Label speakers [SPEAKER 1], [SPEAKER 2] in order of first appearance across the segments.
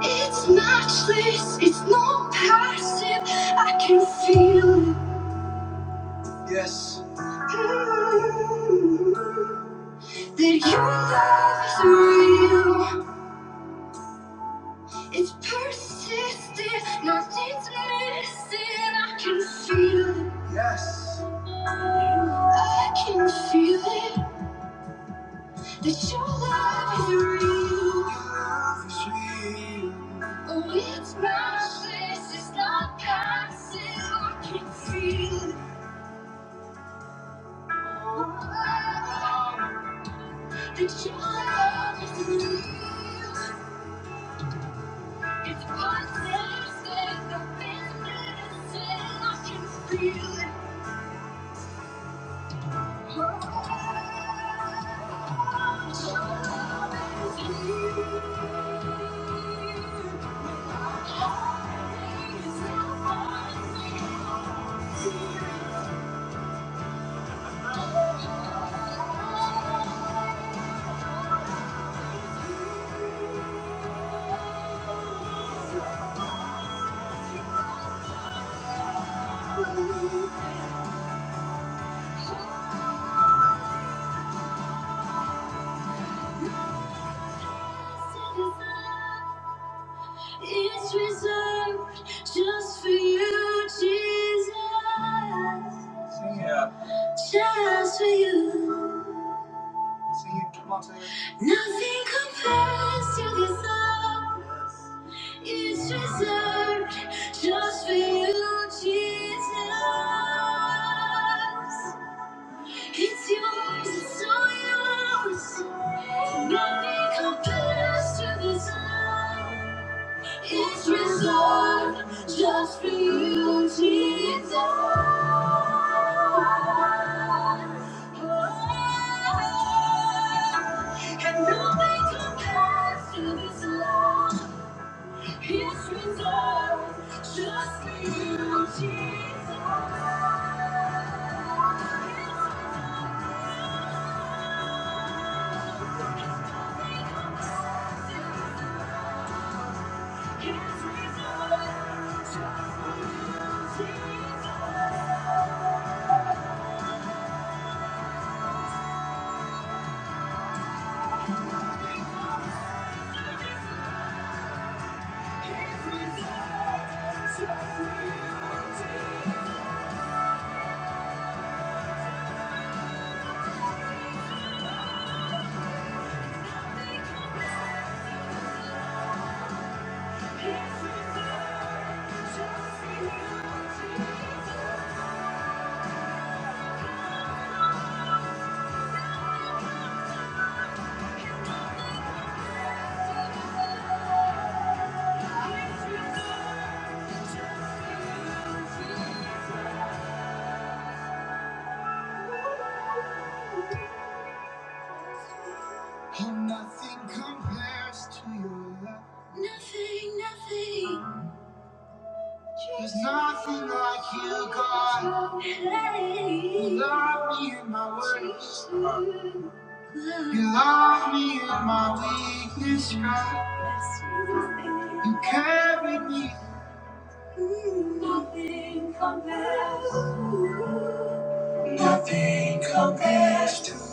[SPEAKER 1] It's matchless, it's not passive. I can feel it. Yes. Mm, That your love is real. It's persistent, nothing's missing. I can feel it. Yes. I can feel it. That your love is real. love is real. Oh, it's priceless, it's not passive I can feel. Oh, oh, that your love is real. It's possessive, the business I can feel. it. Oh, oh, oh, that your love is real. Oh, oh, oh, it's not It's reserved just for you, Jesus. Sing it. Yeah. Just for you. Sing it. Come on, sing it. Nothing compares to this love. Yes. It's reserved just for you, Jesus. It's yours, it's all yours. Nothing compares to this love. It's reserved just for you, Jesus. Oh, And nothing compares to this love. It's reserved just for you, Jesus. Oh, nothing compares to your love. Nothing, nothing. There's nothing like you, God. You love me in my worst. You love me in my weakness, God. You carried me. Nothing compares. Nothing compares to your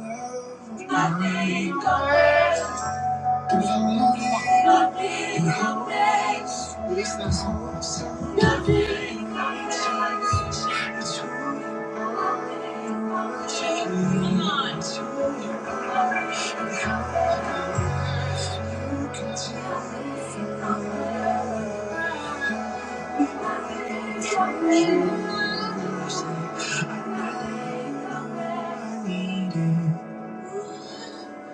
[SPEAKER 1] love. Nothing compares. Nothing compares. Release that song of self. Nothing compares. It's who you are. Come on. It's who you are. You can tell me from Tell me. I need it.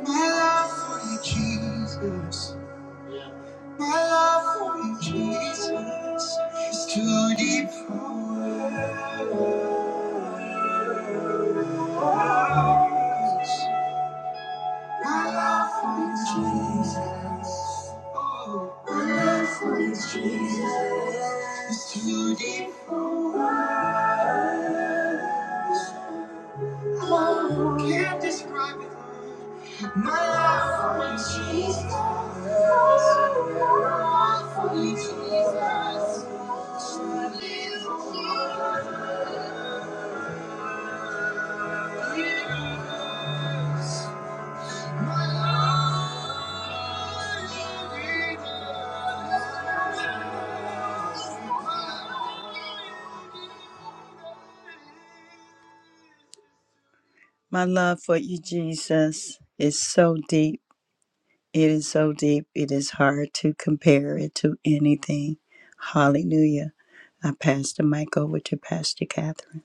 [SPEAKER 1] My love for you, Jesus. My love for Jesus is too deep for words. My love for Jesus, oh, my love for Jesus is too deep. for- Oh, can't describe it. My love for Jesus, my love for Jesus, too deep for words. My love for you, Jesus, is so deep. It is so deep. It is hard to compare it to anything. Hallelujah. I pass the mic over to Pastor Catherine.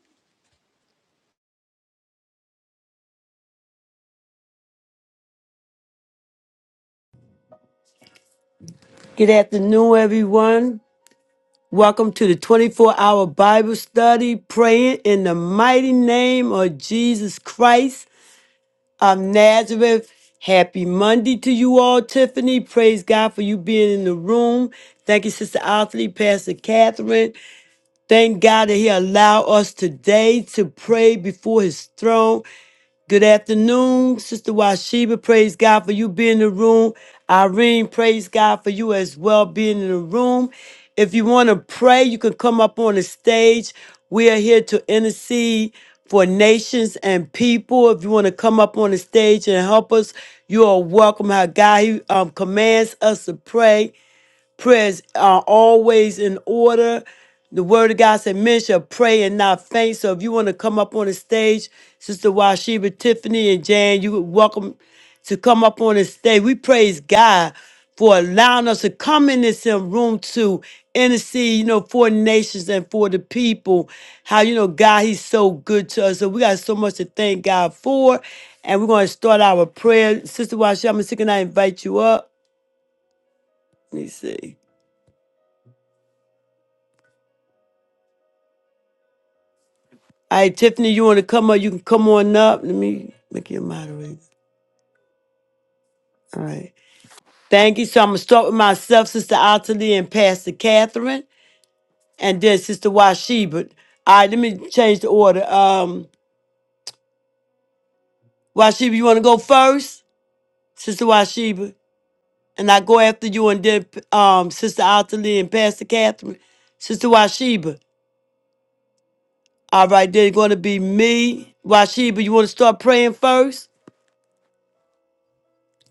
[SPEAKER 2] Good afternoon, everyone. Welcome to the 24 hour Bible study, praying in the mighty name of Jesus Christ of Nazareth. Happy Monday to you all, Tiffany. Praise God for you being in the room. Thank you, Sister Athlete, Pastor Catherine. Thank God that He allowed us today to pray before His throne. Good afternoon, Sister Washiba. Praise God for you being in the room. Irene, praise God for you as well being in the room. If you want to pray, you can come up on the stage. We are here to intercede for nations and people. If you want to come up on the stage and help us, you are welcome. How God he, um, commands us to pray prayers are always in order. The word of God said, Men shall pray and not faint. So if you want to come up on the stage, Sister Washiba, Tiffany, and Jan, you are welcome to come up on the stage. We praise God for allowing us to come in this here room to intercede, you know, for nations and for the people. How, you know, God, He's so good to us. So we got so much to thank God for. And we're going to start our prayer. Sister Washiba, I'm going to invite you up. Let me see. All right, Tiffany, you want to come up? You can come on up. Let me make you a moderator. All right. Thank you. So I'm going to start with myself, Sister Ottilie, and Pastor Catherine, and then Sister Washiba. All right, let me change the order. Um, Washiba, you want to go first? Sister Washiba. And I go after you, and then um, Sister Ottilie and Pastor Catherine. Sister Washiba. All right, then it's going to be me. Washiba, you want to start praying first?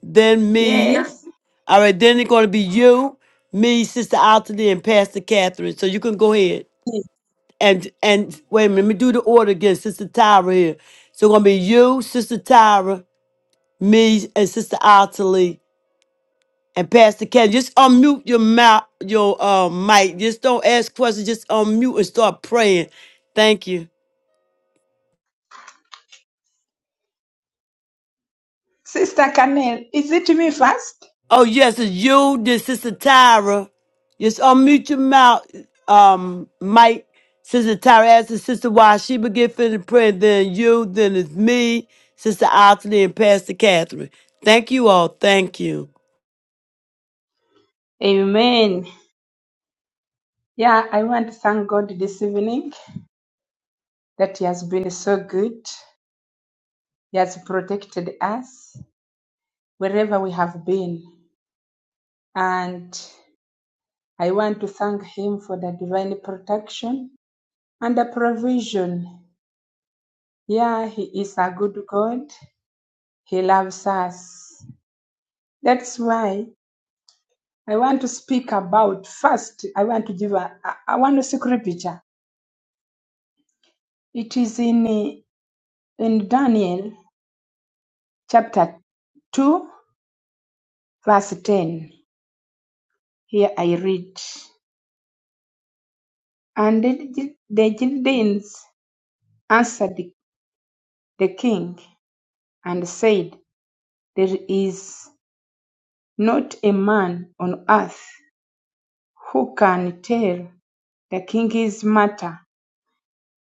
[SPEAKER 2] Then me.
[SPEAKER 3] Yes.
[SPEAKER 2] All right, then it's going to be you, me, Sister Anthony, and Pastor Catherine. So you can go ahead and and wait a minute. Let me do the order again. Sister Tyra here. So it's going to be you, Sister Tyra, me, and Sister Anthony, and Pastor Catherine. Just unmute your mouth, your uh, mic. Just don't ask questions. Just unmute and start praying. Thank you.
[SPEAKER 3] Sister Canel, is it me first?
[SPEAKER 2] Oh yes, it's you. This Sister Tyra. Just unmute your mouth, um, Mike. Sister Tyra asked the sister why she would get fit and Then you, then it's me, Sister Otley, and Pastor Catherine. Thank you all. Thank you.
[SPEAKER 3] Amen. Yeah, I want to thank God this evening that He has been so good. He has protected us wherever we have been. And I want to thank Him for the divine protection and the provision. Yeah, He is a good God. He loves us. That's why I want to speak about first. I want to give a, a, a one scripture. It is in In Daniel chapter 2, verse 10, here I read, And the the Chaldeans answered the king and said, There is not a man on earth who can tell the king's matter.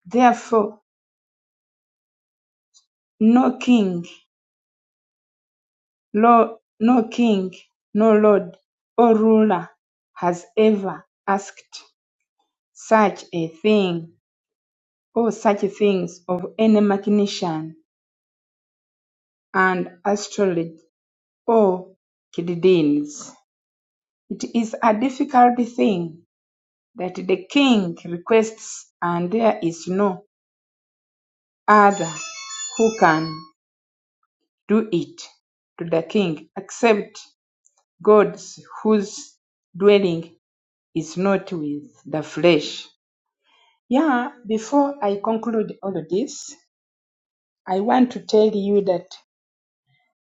[SPEAKER 3] Therefore, no king, Lord, no king, no lord or ruler has ever asked such a thing or such things of any mechanician and astrologer or Chaldeans. It is a difficult thing that the king requests, and there is no other who can do it to the king except gods whose dwelling is not with the flesh. Yeah, before I conclude all of this, I want to tell you that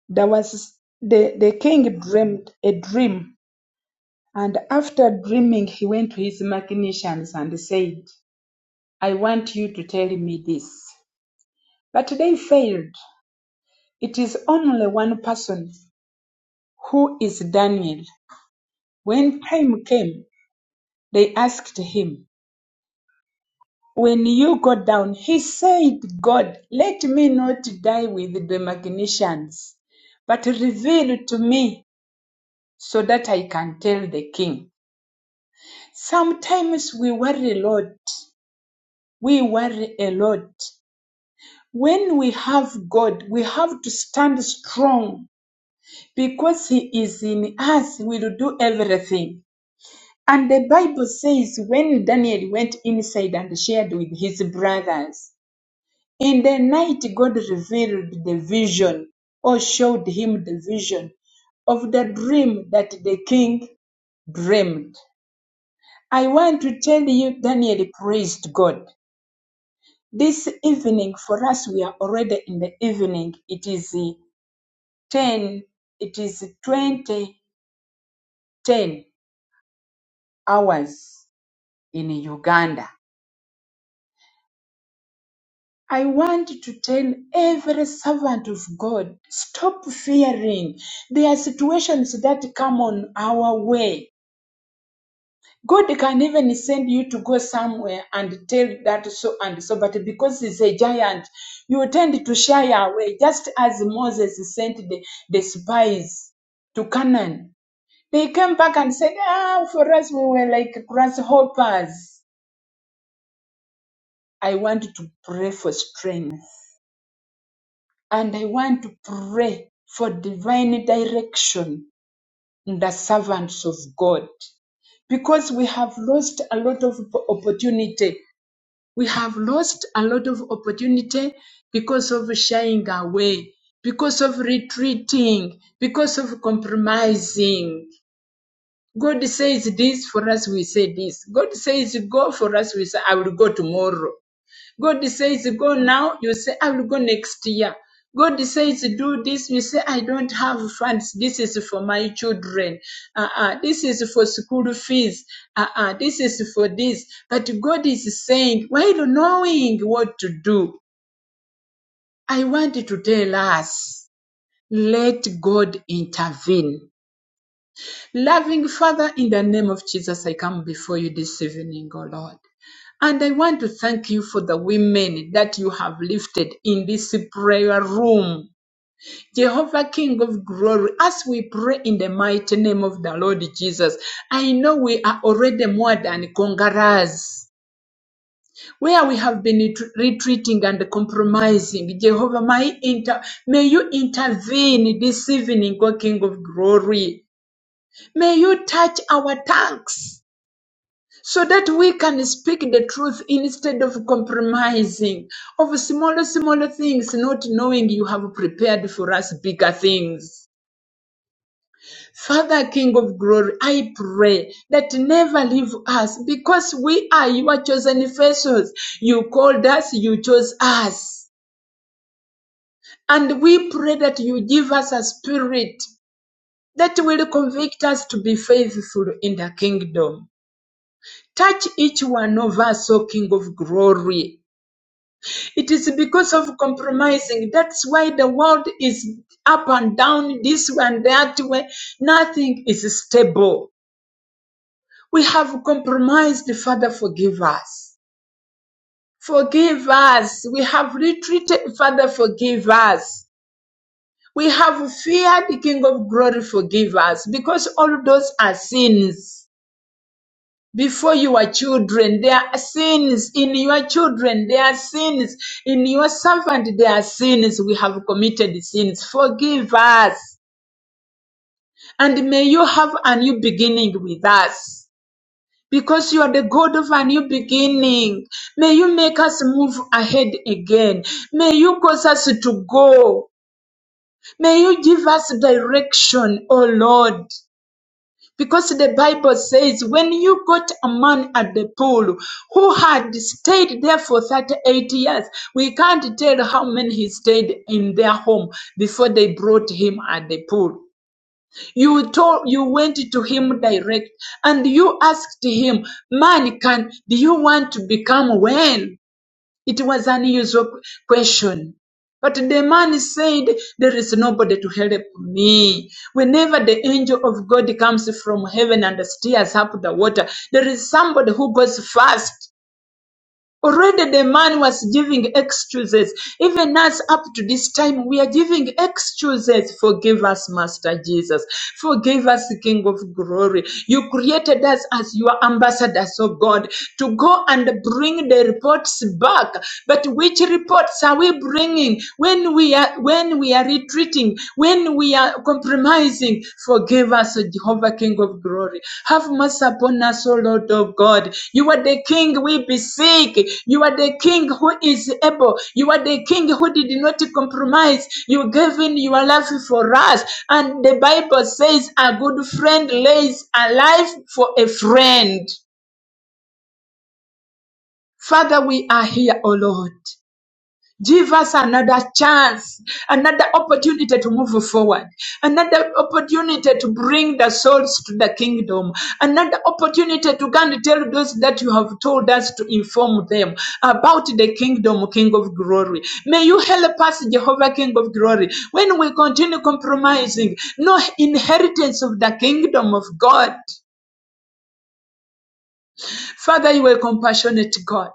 [SPEAKER 3] There was the, the king dreamed a dream, and after dreaming he went to his mechanicians and said, I want you to tell me this. But they failed. It is only one person who is Daniel. When time came, they asked him, When you go down, he said, God, let me not die with the mechanicians, but reveal to me so that I can tell the king. Sometimes we worry a lot. We worry a lot. When we have God, we have to stand strong because He is in us, we will do everything. And the Bible says when Daniel went inside and shared with his brothers, in the night God revealed the vision or showed him the vision of the dream that the king dreamed. I want to tell you, Daniel praised God. This evening for us, we are already in the evening. It is uh, 10, it is 20 10 hours in Uganda. I want to tell every servant of God, stop fearing. There are situations that come on our way God can even send you to go somewhere and tell that so and so, but because he's a giant, you tend to shy away, just as Moses sent the, the spies to Canaan. They came back and said, Ah, for us, we were like grasshoppers. I want to pray for strength and I want to pray for divine direction in the servants of God because we have lost a lot of opportunity we have lost a lot of opportunity because of shying away, because of retreating, because of compromising. God says this for us, we say this. God says go for us, we say, I will go tomorrow. God says, go now. You say, I will go next year. God says, do this. You say, I don't have funds. This is for my children. Uh, uh, this is for school fees. Uh, uh, this is for this. But God is saying, while knowing what to do, I want to tell us, let God intervene Loving Father, in the name of Jesus, I come before you this evening, O Lord. And I want to thank you for the women that you have lifted in this prayer room. Jehovah King of glory, as we pray in the mighty name of the Lord Jesus, I know we are already more than conquerors. Where we have been retreating and compromising, Jehovah, may inter- may you intervene this evening, O King of glory. May you touch our tongues so that we can speak the truth instead of compromising of smaller, smaller things, not knowing you have prepared for us bigger things. Father, King of glory, I pray that never leave us because we are your chosen vessels. You called us, you chose us. And we pray that you give us a spirit that will convict us to be faithful in the kingdom. Touch each one of us, O King of glory. It is because of compromising. That's why the world is up and down, this way and that way. Nothing is stable. We have compromised. Father, forgive us. Forgive us. We have retreated. Father, forgive us. We have feared, King of glory, forgive us. Because all those are sins. before you are children. There are sins in your children. There are sins in your servant. There are sins we have committed sins. Forgive us. And may you have a new beginning with us. Because you are the God of a new beginning. May you make us move ahead again. May you cause us to go. May you give us direction, O Lord. Because the Bible says, when you got a man at the pool who had stayed there for 38 years, we can't tell how many he stayed in their home before they brought him at the pool. You told, you went to him direct and you asked him, man, can, do you want to become well? It was an unusual question. But the man said, There is nobody to help me. Whenever the angel of God comes from heaven and stirs up the water, there is somebody who goes first Already the man was giving excuses. Even us up to this time, we are giving excuses. Forgive us, Master Jesus. Forgive us, King of Glory. You created us as your ambassadors, oh God, to go and bring the reports back. But which reports are we bringing when we are when we are retreating? When we are compromising, forgive us, O Jehovah, King of glory. Have mercy upon us, O Lord of God. You are the King we beseech. You are the King who is able. You are the King who did not compromise. You gave in your life for us. And the Bible says, a good friend lays a life for a friend. Father, we are here, O Lord. Give us another chance, another opportunity to move forward, another opportunity to bring the souls to the kingdom, another opportunity to go and tell those that you have told us to inform them about the kingdom, King of glory. May you help us, Jehovah, King of glory, when we continue compromising, no inheritance of the kingdom of God. Father, you are compassionate God.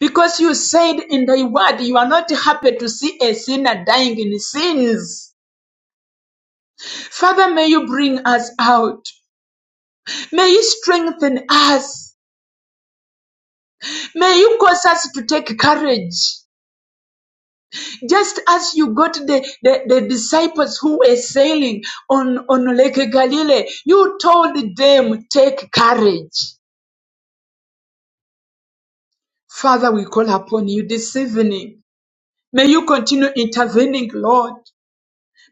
[SPEAKER 3] Because you said in thy word you are not happy to see a sinner dying in sins. Father, may you bring us out. May you strengthen us. May you cause us to take courage. Just as you got the, the, the disciples who were sailing on, on Lake Galilee, you told them, take courage. Father, we call upon you this evening. May you continue intervening, Lord.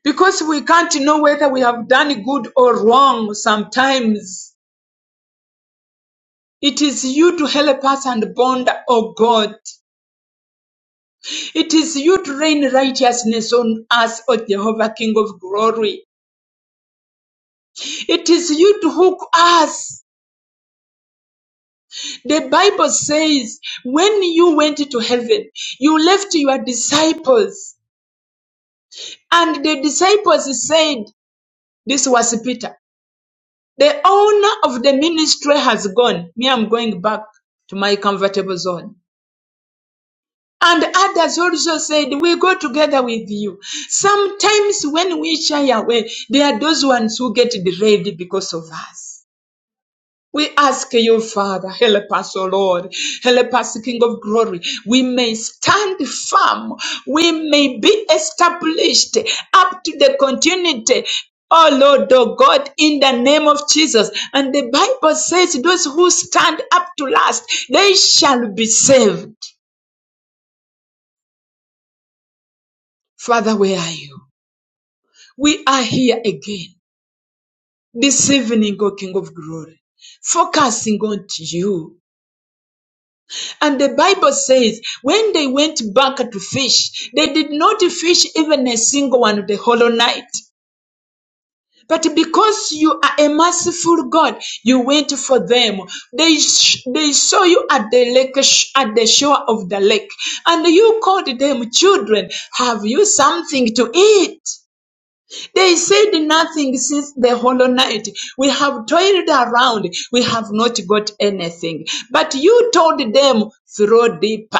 [SPEAKER 3] because we can't know whether we have done good or wrong sometimes. It is you to help us and bond, O God. It is you to rain righteousness on us, O Jehovah, King of glory. It is you to hook us. The Bible says, when you went to heaven, you left your disciples. And the disciples said, this was Peter. The owner of the ministry has gone. Me, I'm going back to my comfortable zone. And others also said, We go together with you. Sometimes when we shy away, there are those ones who get derailed because of us. We ask you, Father, help us, O Lord. Help us, King of Glory. We may stand firm. We may be established up to the continuity. Oh Lord, oh God, in the name of Jesus. And the Bible says, Those who stand up to last, they shall be saved. Father, where are you? We are here again this evening, O King of Glory, focusing on you. And the Bible says when they went back to fish, they did not fish even a single one the whole night. But because you are a merciful God, you went for them. They sh- they saw you at the lake sh- at the shore of the lake, and you called them children. Have you something to eat? They said nothing since the hollow night. We have toiled around. We have not got anything. But you told them, throw deeper.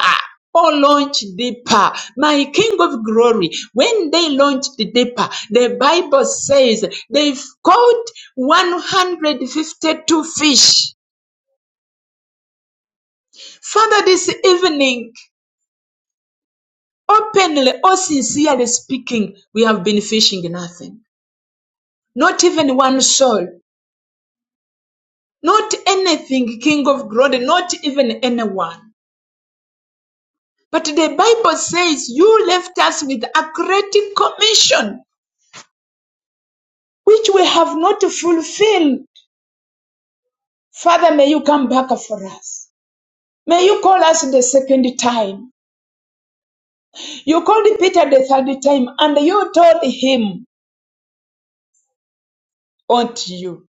[SPEAKER 3] Oh, launch deeper, my King of glory. When they launched deeper, the Bible says they caught 152 fish. Father, this evening, openly or sincerely speaking, we have been fishing nothing, not even one soul. Not anything, King of glory, not even anyone. But the Bible says you left us with a great commission which we have not fulfilled. Father, may you come back for us. May you call us the second time. You called Peter the third time and you told him, unto you,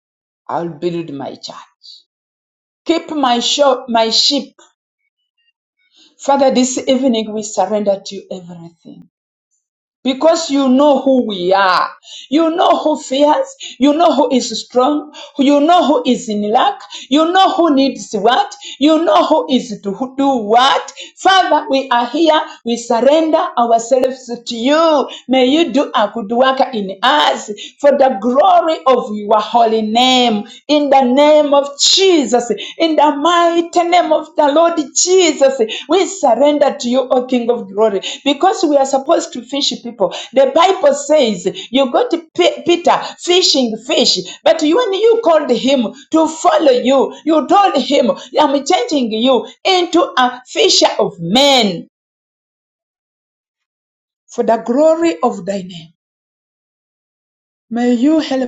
[SPEAKER 3] I'll build my church keep my, sho- my sheep. Father, this evening we surrender to you everything. Because you know who we are. You know who fears. You know who is strong. You know who is in lack. You know who needs what. You know who is to who- do what. Father, we are here. We surrender ourselves to you. May you do a good work in us for the glory of your holy name. In the name of Jesus. In the mighty name of the Lord Jesus, we surrender to you, O King of Glory, because we are supposed to fish people. The Bible says you got Pe- Peter fishing fish, but when you called him to follow you, you told him, I'm changing you into a fisher of men for the glory of thy name. May you help.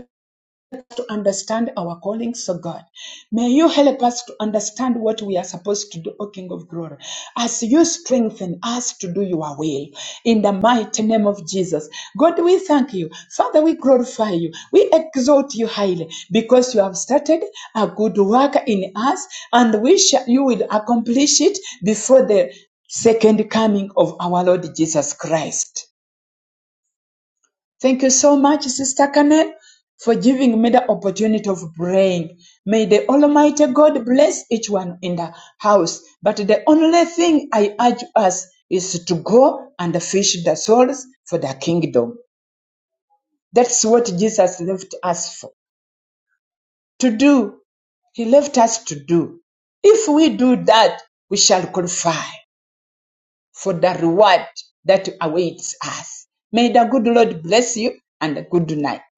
[SPEAKER 3] to understand our callings, so God. May you help us to understand what we are supposed to do, O King of Glory, as you strengthen us to do your will. In the mighty name of Jesus. God, we thank you. Father, we glorify you. We exalt you highly because you have started a good work in us and we shall, you will accomplish it before the second coming of our Lord Jesus Christ. Thank you so much, Sister Kane, for giving me the opportunity of praying. May the Almighty God bless each one in the house. But the only thing I urge us is to go and fish the souls for the kingdom. That's what Jesus left us for to do. He left us to do. If we do that, we shall qualify. for the reward that awaits us. May the good Lord bless you and a good night.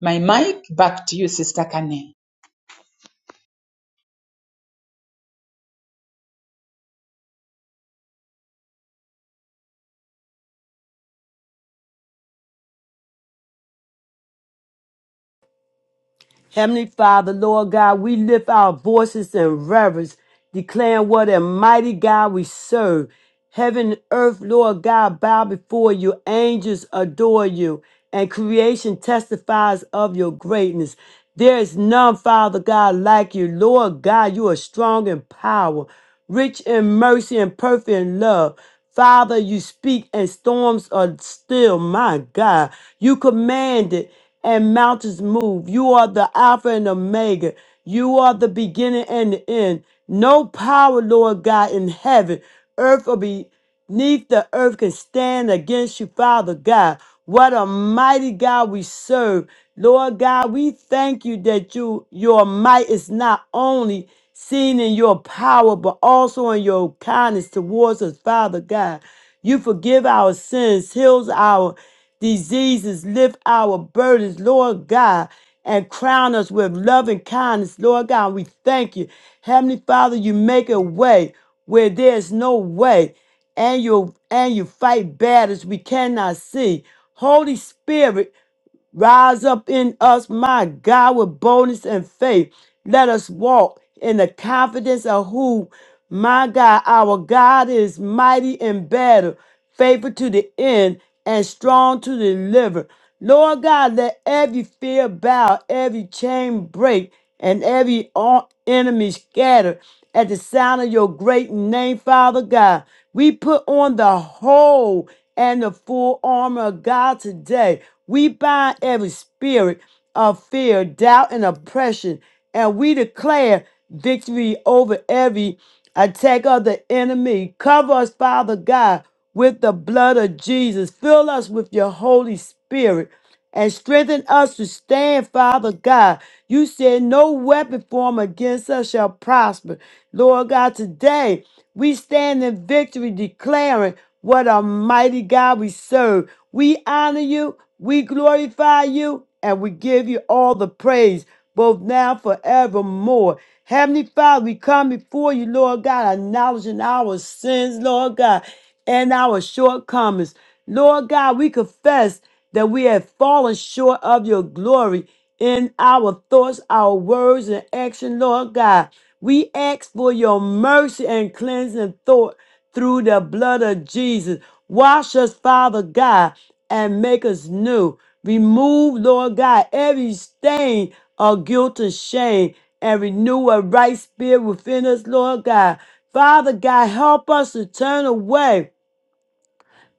[SPEAKER 3] My mic back to you, Sister Kane.
[SPEAKER 2] Heavenly Father, Lord God, we lift our voices in reverence, declaring what a mighty God we serve. Heaven and earth, Lord God, bow before you. Angels adore you, and creation testifies of your greatness. There is none, Father God, like you. Lord God, you are strong in power, rich in mercy, and perfect in love. Father, you speak and storms are still. My God, you commanded and mountains move. You are the Alpha and Omega. You are the beginning and the end. No power, Lord God, in heaven, earth, or beneath the earth can stand against you, Father God. What a mighty God we serve. Lord God, we thank you that you your might is not only seen in your power, but also in your kindness towards us, Father God. You forgive our sins, heals our diseases, lift our burdens, Lord God, and crown us with loving kindness, Lord God. We thank you. Heavenly Father, you make a way where there's no way, and you and you fight battles we cannot see. Holy Spirit, rise up in us, my God, with boldness and faith. Let us walk in the confidence of who my God, our God is mighty in battle, faithful to the end, and strong to deliver. Lord God, let every fear bow, every chain break, and every o- enemy scatter at the sound of your great name, Father God. We put on the whole and the full armor of God today. We bind every spirit of fear, doubt, and oppression. And we declare victory over every attack of the enemy. Cover us, Father God, with the blood of Jesus. Fill us with your Holy Spirit and strengthen us to stand, Father God. You said, No weapon formed against us shall prosper. Lord God, today. We stand in victory declaring what a mighty God we serve. We honor you, we glorify you, and we give you all the praise, both now forevermore. Heavenly Father, we come before you, Lord God, acknowledging our sins, Lord God, and our shortcomings. Lord God, we confess that we have fallen short of your glory in our thoughts, our words, and action, Lord God. We ask for your mercy and cleansing thought through the blood of Jesus. Wash us, Father God, and make us new. Remove, Lord God, every stain of guilt and shame and renew a right spirit within us, Lord God. Father God, help us to turn away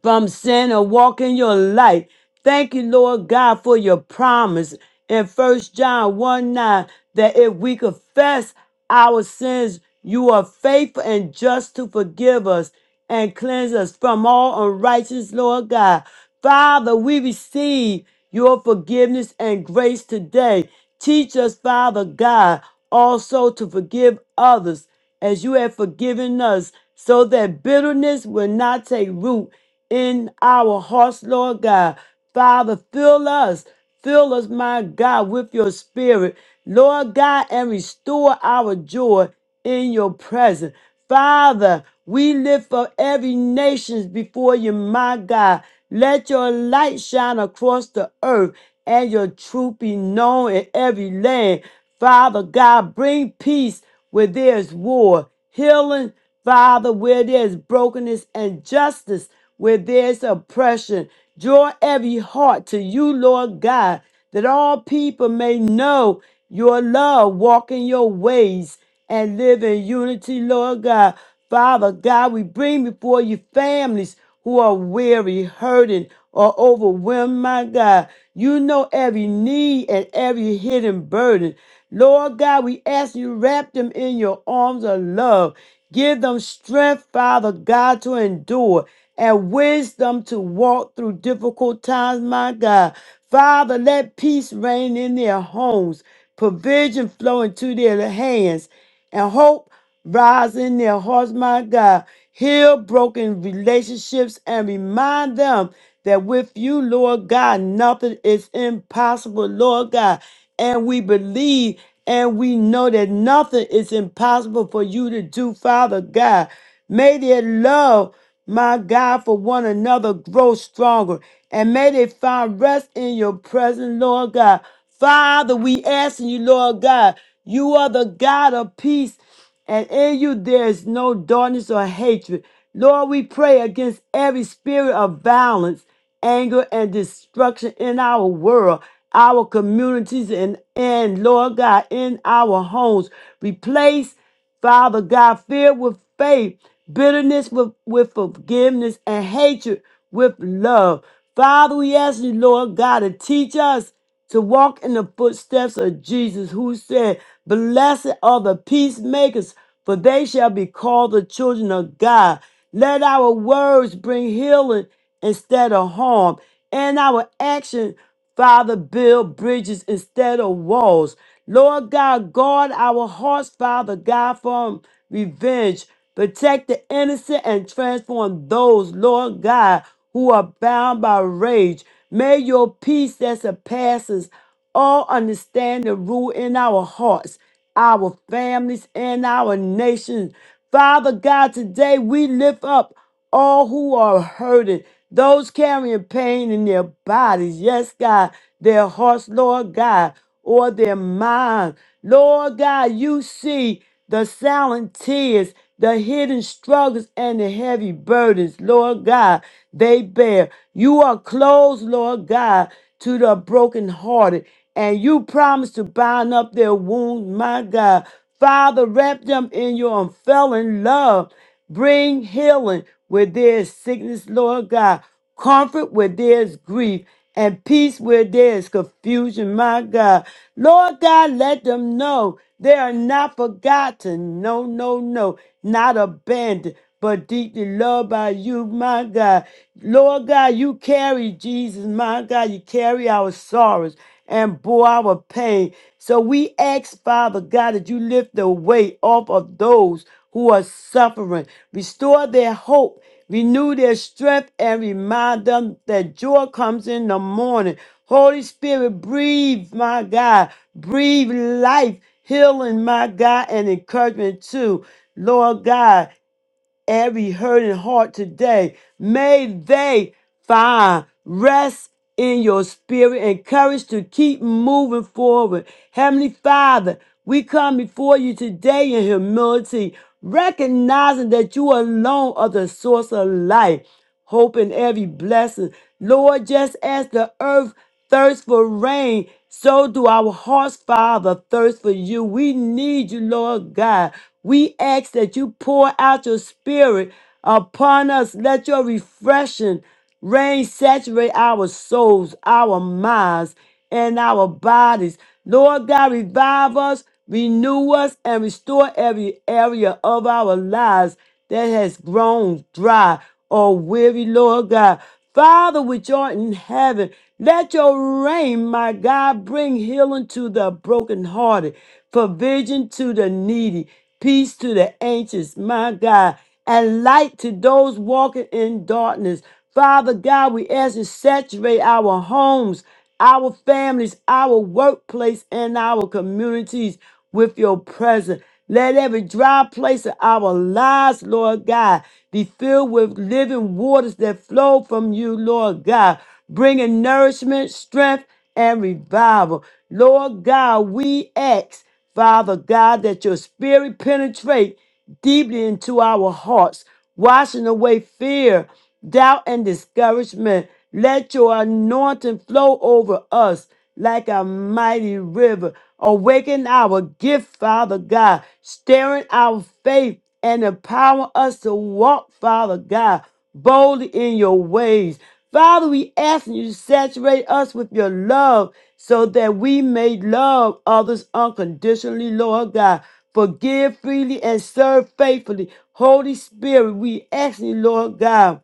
[SPEAKER 2] from sin or walk in your light. Thank you, Lord God, for your promise in First John 1 9 that if we confess our sins, you are faithful and just to forgive us and cleanse us from all unrighteous, Lord God. Father, we receive your forgiveness and grace today. Teach us, Father God, also to forgive others as you have forgiven us, so that bitterness will not take root in our hearts, Lord God. Father, fill us. Fill us, my God, with your spirit, Lord God, and restore our joy in your presence. Father, we lift up every nation before you, my God. Let your light shine across the earth and your truth be known in every land. Father God, bring peace where there is war, healing, Father, where there is brokenness, and justice where there is oppression. Draw every heart to you, Lord God that all people may know your love, walk in your ways, and live in unity, Lord God. Father God, we bring before you families who are weary, hurting, or overwhelmed, my God. You know every need and every hidden burden. Lord God, we ask you to wrap them in your arms of love. Give them strength, Father God, to endure and wisdom to walk through difficult times, my God. Father, let peace reign in their homes, provision flow into their hands, and hope rise in their hearts, my God. Heal broken relationships and remind them that with you, Lord God, nothing is impossible, Lord God. And we believe and we know that nothing is impossible for you to do, Father God. May their love my God, for one another, grow stronger. And may they find rest in your presence, Lord God. Father, we asking you, Lord God, you are the God of peace, and in you there is no darkness or hatred. Lord, we pray against every spirit of violence, anger, and destruction in our world, our communities, and, and Lord God, in our homes. Replace Father God, fear with faith, bitterness with, with forgiveness, and hatred with love. Father, we ask you, Lord God, to teach us to walk in the footsteps of Jesus, who said, Blessed are the peacemakers, for they shall be called the children of God. Let our words bring healing instead of harm, and our action, Father, build bridges instead of walls. Lord God, guard our hearts, Father God, from revenge. Protect the innocent and transform those, Lord God, who are bound by rage. May your peace that surpasses all understanding rule in our hearts, our families, and our nations. Father God, today we lift up all who are hurting, those carrying pain in their bodies. Yes, God, their hearts, Lord God or their mind. Lord God, you see the silent tears, the hidden struggles, and the heavy burdens, Lord God, they bear. You are close, Lord God, to the brokenhearted, and you promise to bind up their wounds, my God. Father, wrap them in your unfailing love. Bring healing where there is sickness, Lord God comfort where there's grief, and peace where there's confusion, my God. Lord God, let them know they are not forgotten. No, no, no, not abandoned, but deeply loved by you, my God. Lord God, you carry Jesus, my God. You carry our sorrows and bore our pain. So we ask, Father God, that you lift the weight off of those who are suffering, restore their hope renew their strength, and remind them that joy comes in the morning. Holy Spirit, breathe, my God. Breathe life, healing, my God, and encouragement too. Lord God, every hurting heart today. May they find rest in your spirit and courage to keep moving forward. Heavenly Father, we come before you today in humility, recognizing that you alone are the source of life, hope, and every blessing. Lord, just as the earth thirst for rain. So do our hearts, Father, thirst for you. We need you, Lord God. We ask that you pour out your spirit upon us. Let your refreshing rain saturate our souls, our minds and our bodies. Lord God, revive us, renew us, and restore every area of our lives that has grown dry or weary, Lord God. Father, which art in heaven, let your rain, my God, bring healing to the brokenhearted, provision to the needy, peace to the anxious, my God, and light to those walking in darkness. Father God, we ask you to saturate our homes our families, our workplace, and our communities with your presence. Let every dry place of our lives, Lord God, be filled with living waters that flow from you, Lord God, bringing nourishment, strength, and revival. Lord God, we ask, Father God, that your spirit penetrate deeply into our hearts, washing away fear doubt, and discouragement. Let your anointing flow over us like a mighty river. Awaken our gift, Father God, stirring our faith and empower us to walk, Father God, boldly in your ways. Father, we ask you to saturate us with your love so that we may love others unconditionally, Lord God. Forgive freely and serve faithfully. Holy Spirit, we ask you, Lord God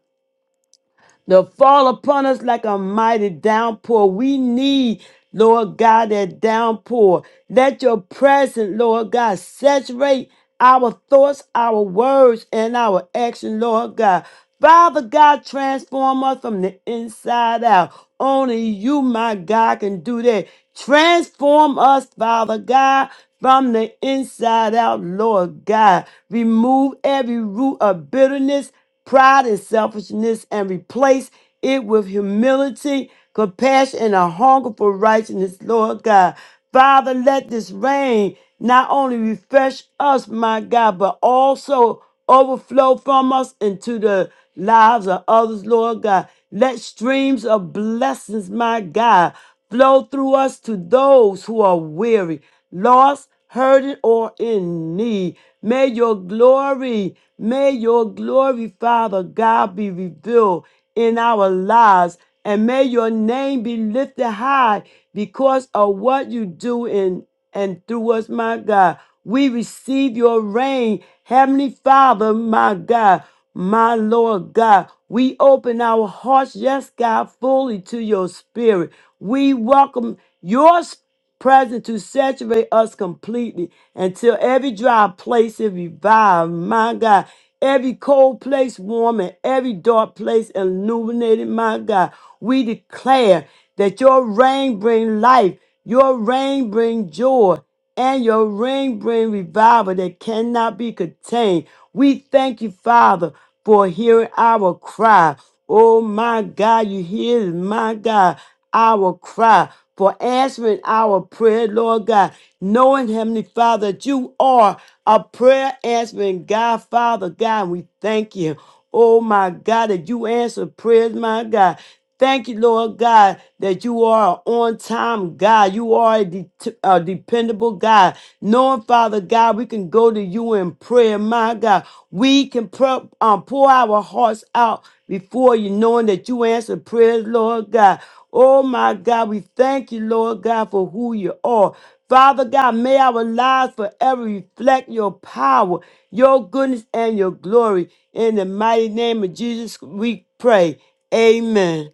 [SPEAKER 2] to fall upon us like a mighty downpour. We need, Lord God, that downpour. Let your presence, Lord God, saturate our thoughts, our words, and our action, Lord God. Father God, transform us from the inside out. Only you, my God, can do that. Transform us, Father God, from the inside out, Lord God. Remove every root of bitterness pride and selfishness and replace it with humility, compassion, and a hunger for righteousness, Lord God. Father, let this rain not only refresh us, my God, but also overflow from us into the lives of others, Lord God. Let streams of blessings, my God, flow through us to those who are weary, lost, hurting, or in need. May your glory, may your glory, Father God, be revealed in our lives. And may your name be lifted high because of what you do in and through us, my God. We receive your reign, Heavenly Father, my God, my Lord God. We open our hearts, yes, God, fully to your spirit. We welcome your spirit present to saturate us completely until every dry place is revived. My God, every cold place warm and every dark place illuminated, my God. We declare that your rain bring life, your rain bring joy, and your rain bring revival that cannot be contained. We thank you, Father, for hearing our cry. Oh my God, you hear my God, our cry for answering our prayer, Lord God, knowing, Heavenly Father, that you are a prayer answering God, Father God. We thank you. Oh my God, that you answer prayers, my God. Thank you, Lord God, that you are on time, God. You are a, det- a dependable God. Knowing, Father God, we can go to you in prayer, my God. We can pro- um, pour our hearts out before you, knowing that you answer prayers, Lord God. Oh, my God, we thank you, Lord God, for who you are. Father God, may our lives forever reflect your power, your goodness, and your glory. In the mighty name of Jesus, we pray. Amen.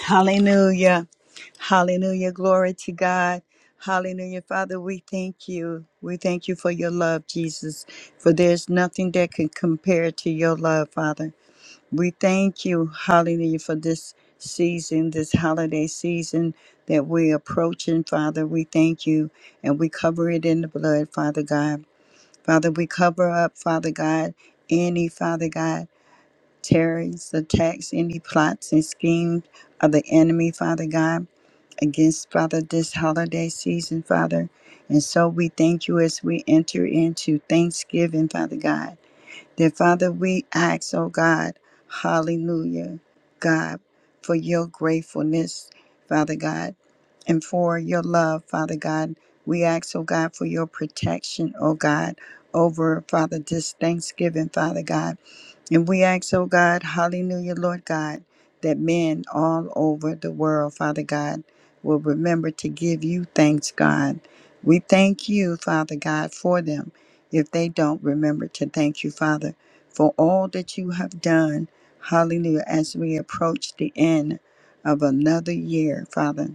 [SPEAKER 1] Hallelujah. Hallelujah. Glory to God. Hallelujah. Father, we thank you. We thank you for your love, Jesus, for there's nothing that can compare to your love, Father. We thank you, hallelujah, for this season, this holiday season that we're approaching, Father. We thank you and we cover it in the blood, Father God. Father, we cover up, Father God, any, Father God terrors, attacks, any plots and schemes of the enemy, Father God, against, Father, this holiday season, Father. And so we thank you as we enter into Thanksgiving, Father God. That, Father, we ask, oh God, hallelujah, God, for your gratefulness, Father God, and for your love, Father God. We ask, oh God, for your protection, oh God, over, Father, this Thanksgiving, Father God. And we ask, oh God, hallelujah, Lord God, that men all over the world, Father God, will remember to give you thanks, God. We thank you, Father God, for them if they don't remember to thank you, Father, for all that you have done. Hallelujah, as we approach the end of another year, Father.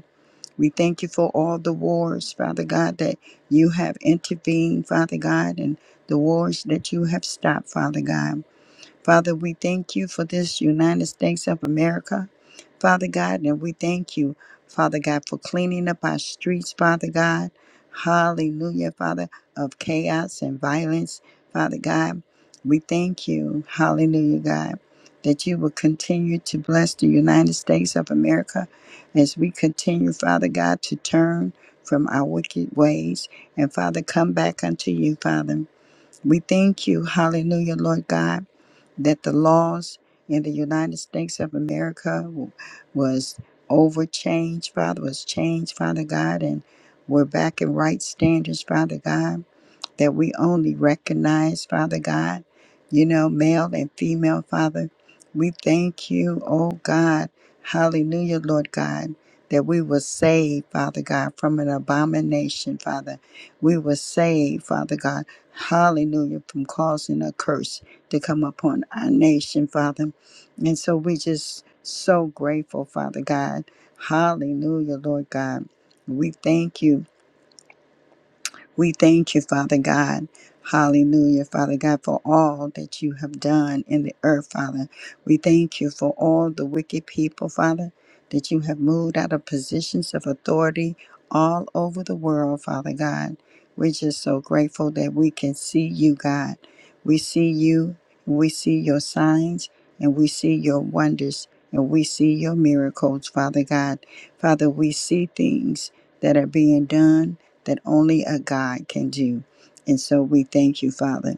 [SPEAKER 1] We thank you for all the wars, Father God, that you have intervened, Father God, and the wars that you have stopped, Father God. Father, we thank you for this United States of America, Father God, and we thank you, Father God, for cleaning up our streets, Father God. Hallelujah, Father, of chaos and violence, Father God. We thank you, hallelujah, God, that you will continue to bless the United States of America as we continue, Father God, to turn from our wicked ways and, Father, come back unto you, Father. We thank you, hallelujah, Lord God that the laws in the United States of America w- was overchanged, Father, was changed, Father God, and we're back in right standards, Father God that we only recognize, Father God, you know, male and female, Father. We thank you, oh God. Hallelujah, Lord God, that we were saved, Father God, from an abomination, Father. We were saved, Father God. Hallelujah, from causing a curse to come upon our nation, Father. And so we just so grateful, Father God. Hallelujah, Lord God. We thank you we thank you, Father God. Hallelujah, Father God, for all that you have done in the earth, Father. We thank you for all the wicked people, Father, that you have moved out of positions of authority all over the world, Father God. We're just so grateful that we can see you, God. We see you, and we see your signs, and we see your wonders, and we see your miracles, Father God. Father, we see things that are being done that only a God can do. And so we thank you, Father.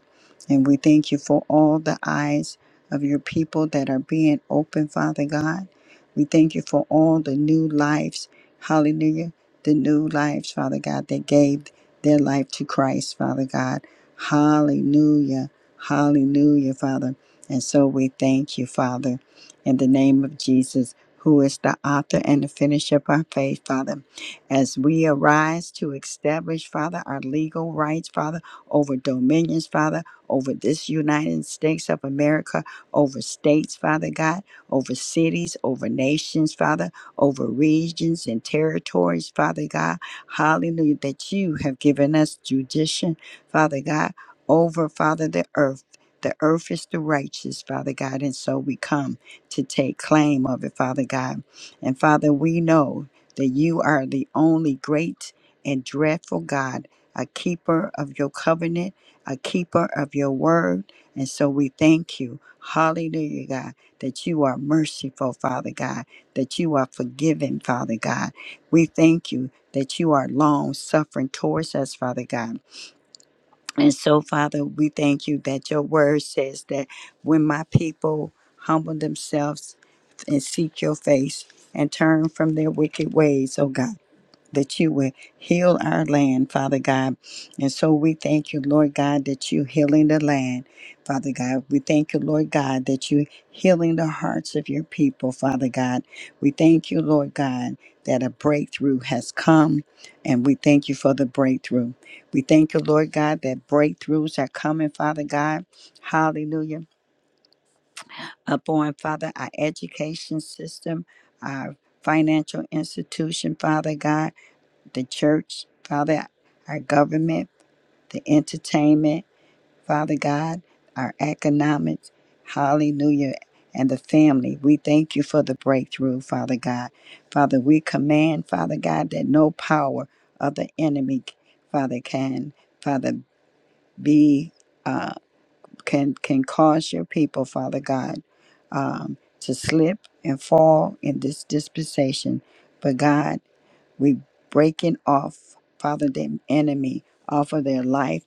[SPEAKER 1] And we thank you for all the eyes of your people that are being open, Father God. We thank you for all the new lives, hallelujah, the new lives, Father God, that gave their life to Christ, Father God. Hallelujah, hallelujah, Father. And so we thank you, Father, in the name of Jesus, who is the author and the finisher of our faith, Father as we arise to establish, Father, our legal rights, Father, over dominions, Father, over this United States of America, over states, Father God, over cities, over nations, Father, over regions and territories, Father God. Hallelujah, that you have given us jurisdiction, Father God, over, Father, the earth. The earth is the righteous, Father God, and so we come to take claim of it, Father God. And Father, we know that you are the only great and dreadful God, a keeper of your covenant, a keeper of your word. And so we thank you. Hallelujah, God, that you are merciful, Father God, that you are forgiving, Father God. We thank you that you are long suffering towards us, Father God. And so, Father, we thank you that your word says that when my people humble themselves and seek your face and turn from their wicked ways, oh God that you will heal our land, Father God. And so we thank you, Lord God, that you healing the land, Father God. We thank you, Lord God, that you healing the hearts of your people, Father God. We thank you, Lord God, that a breakthrough has come, and we thank you for the breakthrough. We thank you, Lord God, that breakthroughs are coming, Father God. Hallelujah. Upon, Father, our education system, our financial institution, Father God the church, Father, our government, the entertainment, Father God, our economics, hallelujah, and the family. We thank you for the breakthrough, Father God. Father, we command, Father God, that no power of the enemy, Father, can, Father, be, uh, can, can cause your people, Father God, um, to slip and fall in this dispensation. But God, we breaking off, Father, the enemy off of their life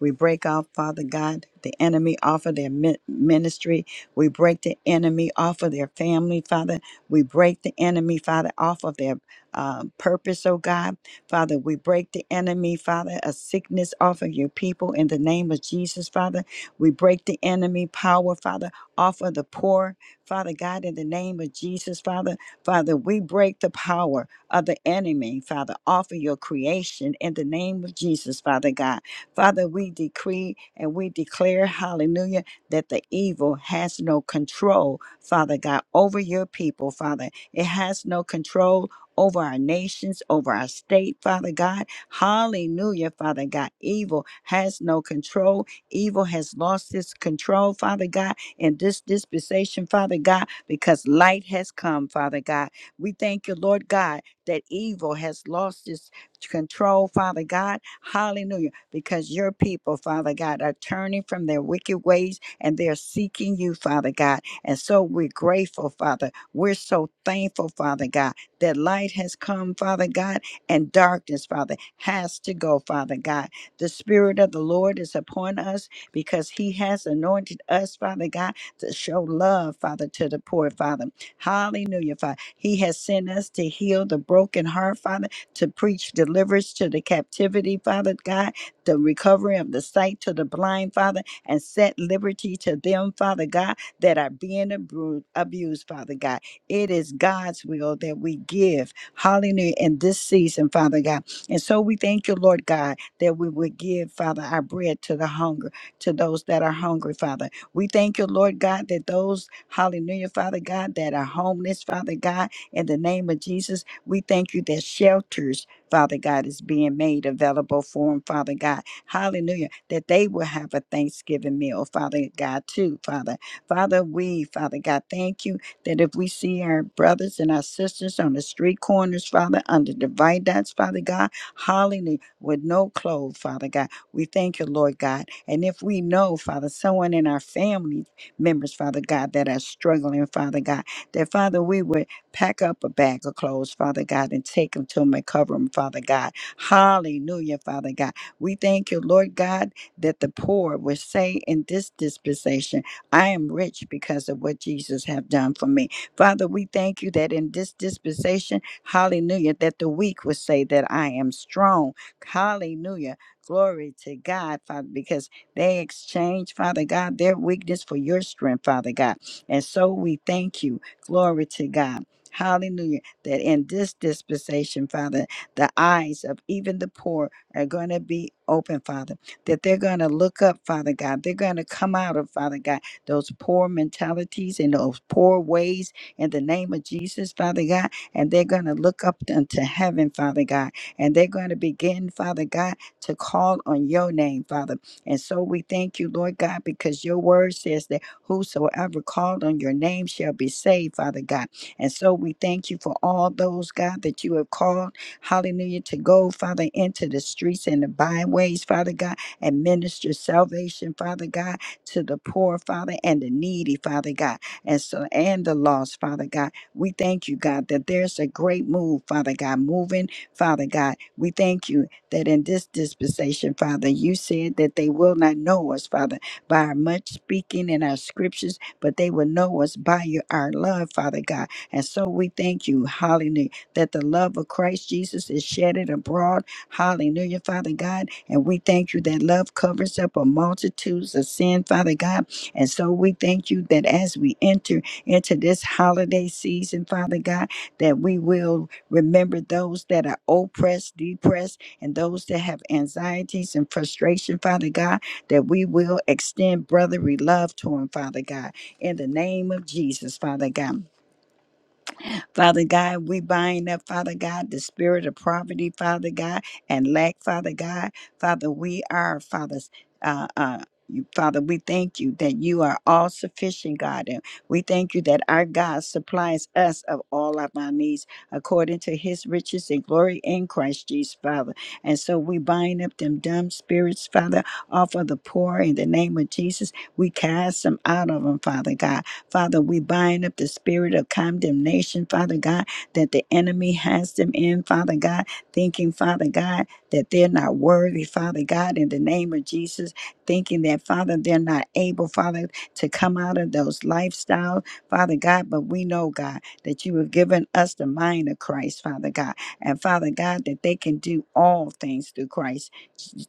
[SPEAKER 1] we break off, Father God, the enemy off of their mi- ministry. We break the enemy off of their family, Father. We break the enemy, Father, off of their um, purpose, oh God. Father, we break the enemy, Father, of sickness off of your people in the name of Jesus, Father. We break the enemy power, Father, off of the poor, Father God, in the name of Jesus, Father. Father, we break the power of the enemy, Father, off of your creation in the name of Jesus, Father God. Father, we decree and we declare, hallelujah, that the evil has no control, Father God, over your people, Father. It has no control over our nations, over our state, Father God. Hallelujah, Father God. Evil has no control. Evil has lost its control, Father God, in this dispensation, Father God, because light has come, Father God. We thank you, Lord God, that evil has lost its control, Father God. Hallelujah because your people, Father God, are turning from their wicked ways and they're seeking you, Father God. And so we're grateful, Father. We're so thankful, Father God, that light has come, Father God, and darkness, Father, has to go, Father God. The Spirit of the Lord is upon us because He has anointed us, Father God, to show love, Father, to the poor, Father. Hallelujah, Father. He has sent us to heal the broken heart, Father, to preach deliverance to the captivity, Father God the recovery of the sight to the blind, Father, and set liberty to them, Father God, that are being abru- abused, Father God. It is God's will that we give, hallelujah, in this season, Father God. And so we thank you, Lord God, that we would give, Father, our bread to the hunger, to those that are hungry, Father. We thank you, Lord God, that those, hallelujah, Father God, that are homeless, Father God, in the name of Jesus, we thank you that shelters, Father God, is being made available for them, Father God. Hallelujah. That they will have a Thanksgiving meal, Father God, too, Father. Father, we, Father God, thank you that if we see our brothers and our sisters on the street corners, Father, under the viaducts, Father God, hallelujah, with no clothes, Father God, we thank you, Lord God. And if we know, Father, someone in our family members, Father God, that are struggling, Father God, that Father, we would. Pack up a bag of clothes, Father God, and take them to them and cover them, Father God. Hallelujah, Father God. We thank you, Lord God, that the poor will say in this dispensation, I am rich because of what Jesus have done for me. Father, we thank you that in this dispensation, hallelujah, that the weak will say that I am strong. Hallelujah. Glory to God, Father, because they exchange, Father God, their weakness for your strength, Father God. And so we thank you. Glory to God. Hallelujah. That in this dispensation, Father, the eyes of even the poor are going to be open, Father. That they're going to look up, Father God. They're going to come out of, Father God, those poor mentalities and those poor ways in the name of Jesus, Father God. And they're going to look up unto heaven, Father God. And they're going to begin, Father God, to call on your name, Father. And so we thank you, Lord God, because your word says that whosoever called on your name shall be saved, Father God. And so we thank you for all those, God, that you have called, hallelujah, to go, Father, into the streets and the byways, Father God, and minister salvation, Father God, to the poor, Father, and the needy, Father God, and so and the lost, Father God. We thank you, God, that there's a great move, Father God, moving, Father God. We thank you that in this dispensation, Father, you said that they will not know us, Father, by our much speaking and our scriptures, but they will know us by your, our love, Father God. And so we thank you, hallelujah, that the love of Christ Jesus is shedded abroad, hallelujah, Father God. And we thank you that love covers up a multitudes of sin, Father God. And so we thank you that as we enter into this holiday season, Father God, that we will remember those that are oppressed, depressed, and those that have anxieties and frustration, Father God, that we will extend brotherly love to them, Father God, in the name of Jesus, Father God. Father God, we bind up, Father God, the spirit of poverty, Father God, and lack, Father God. Father, we are, Father's, uh, uh, you, Father, we thank you that you are all sufficient, God. And we thank you that our God supplies us of all of our needs according to his riches and glory in Christ Jesus, Father. And so we bind up them dumb spirits, Father, off of the poor in the name of Jesus. We cast them out of them, Father God. Father, we bind up the spirit of condemnation, Father God, that the enemy has them in, Father God, thinking, Father God, that they're not worthy, Father God, in the name of Jesus, thinking that, Father, they're not able, Father, to come out of those lifestyles, Father God. But we know, God, that you have given us the mind of Christ, Father God. And Father God, that they can do all things through Christ,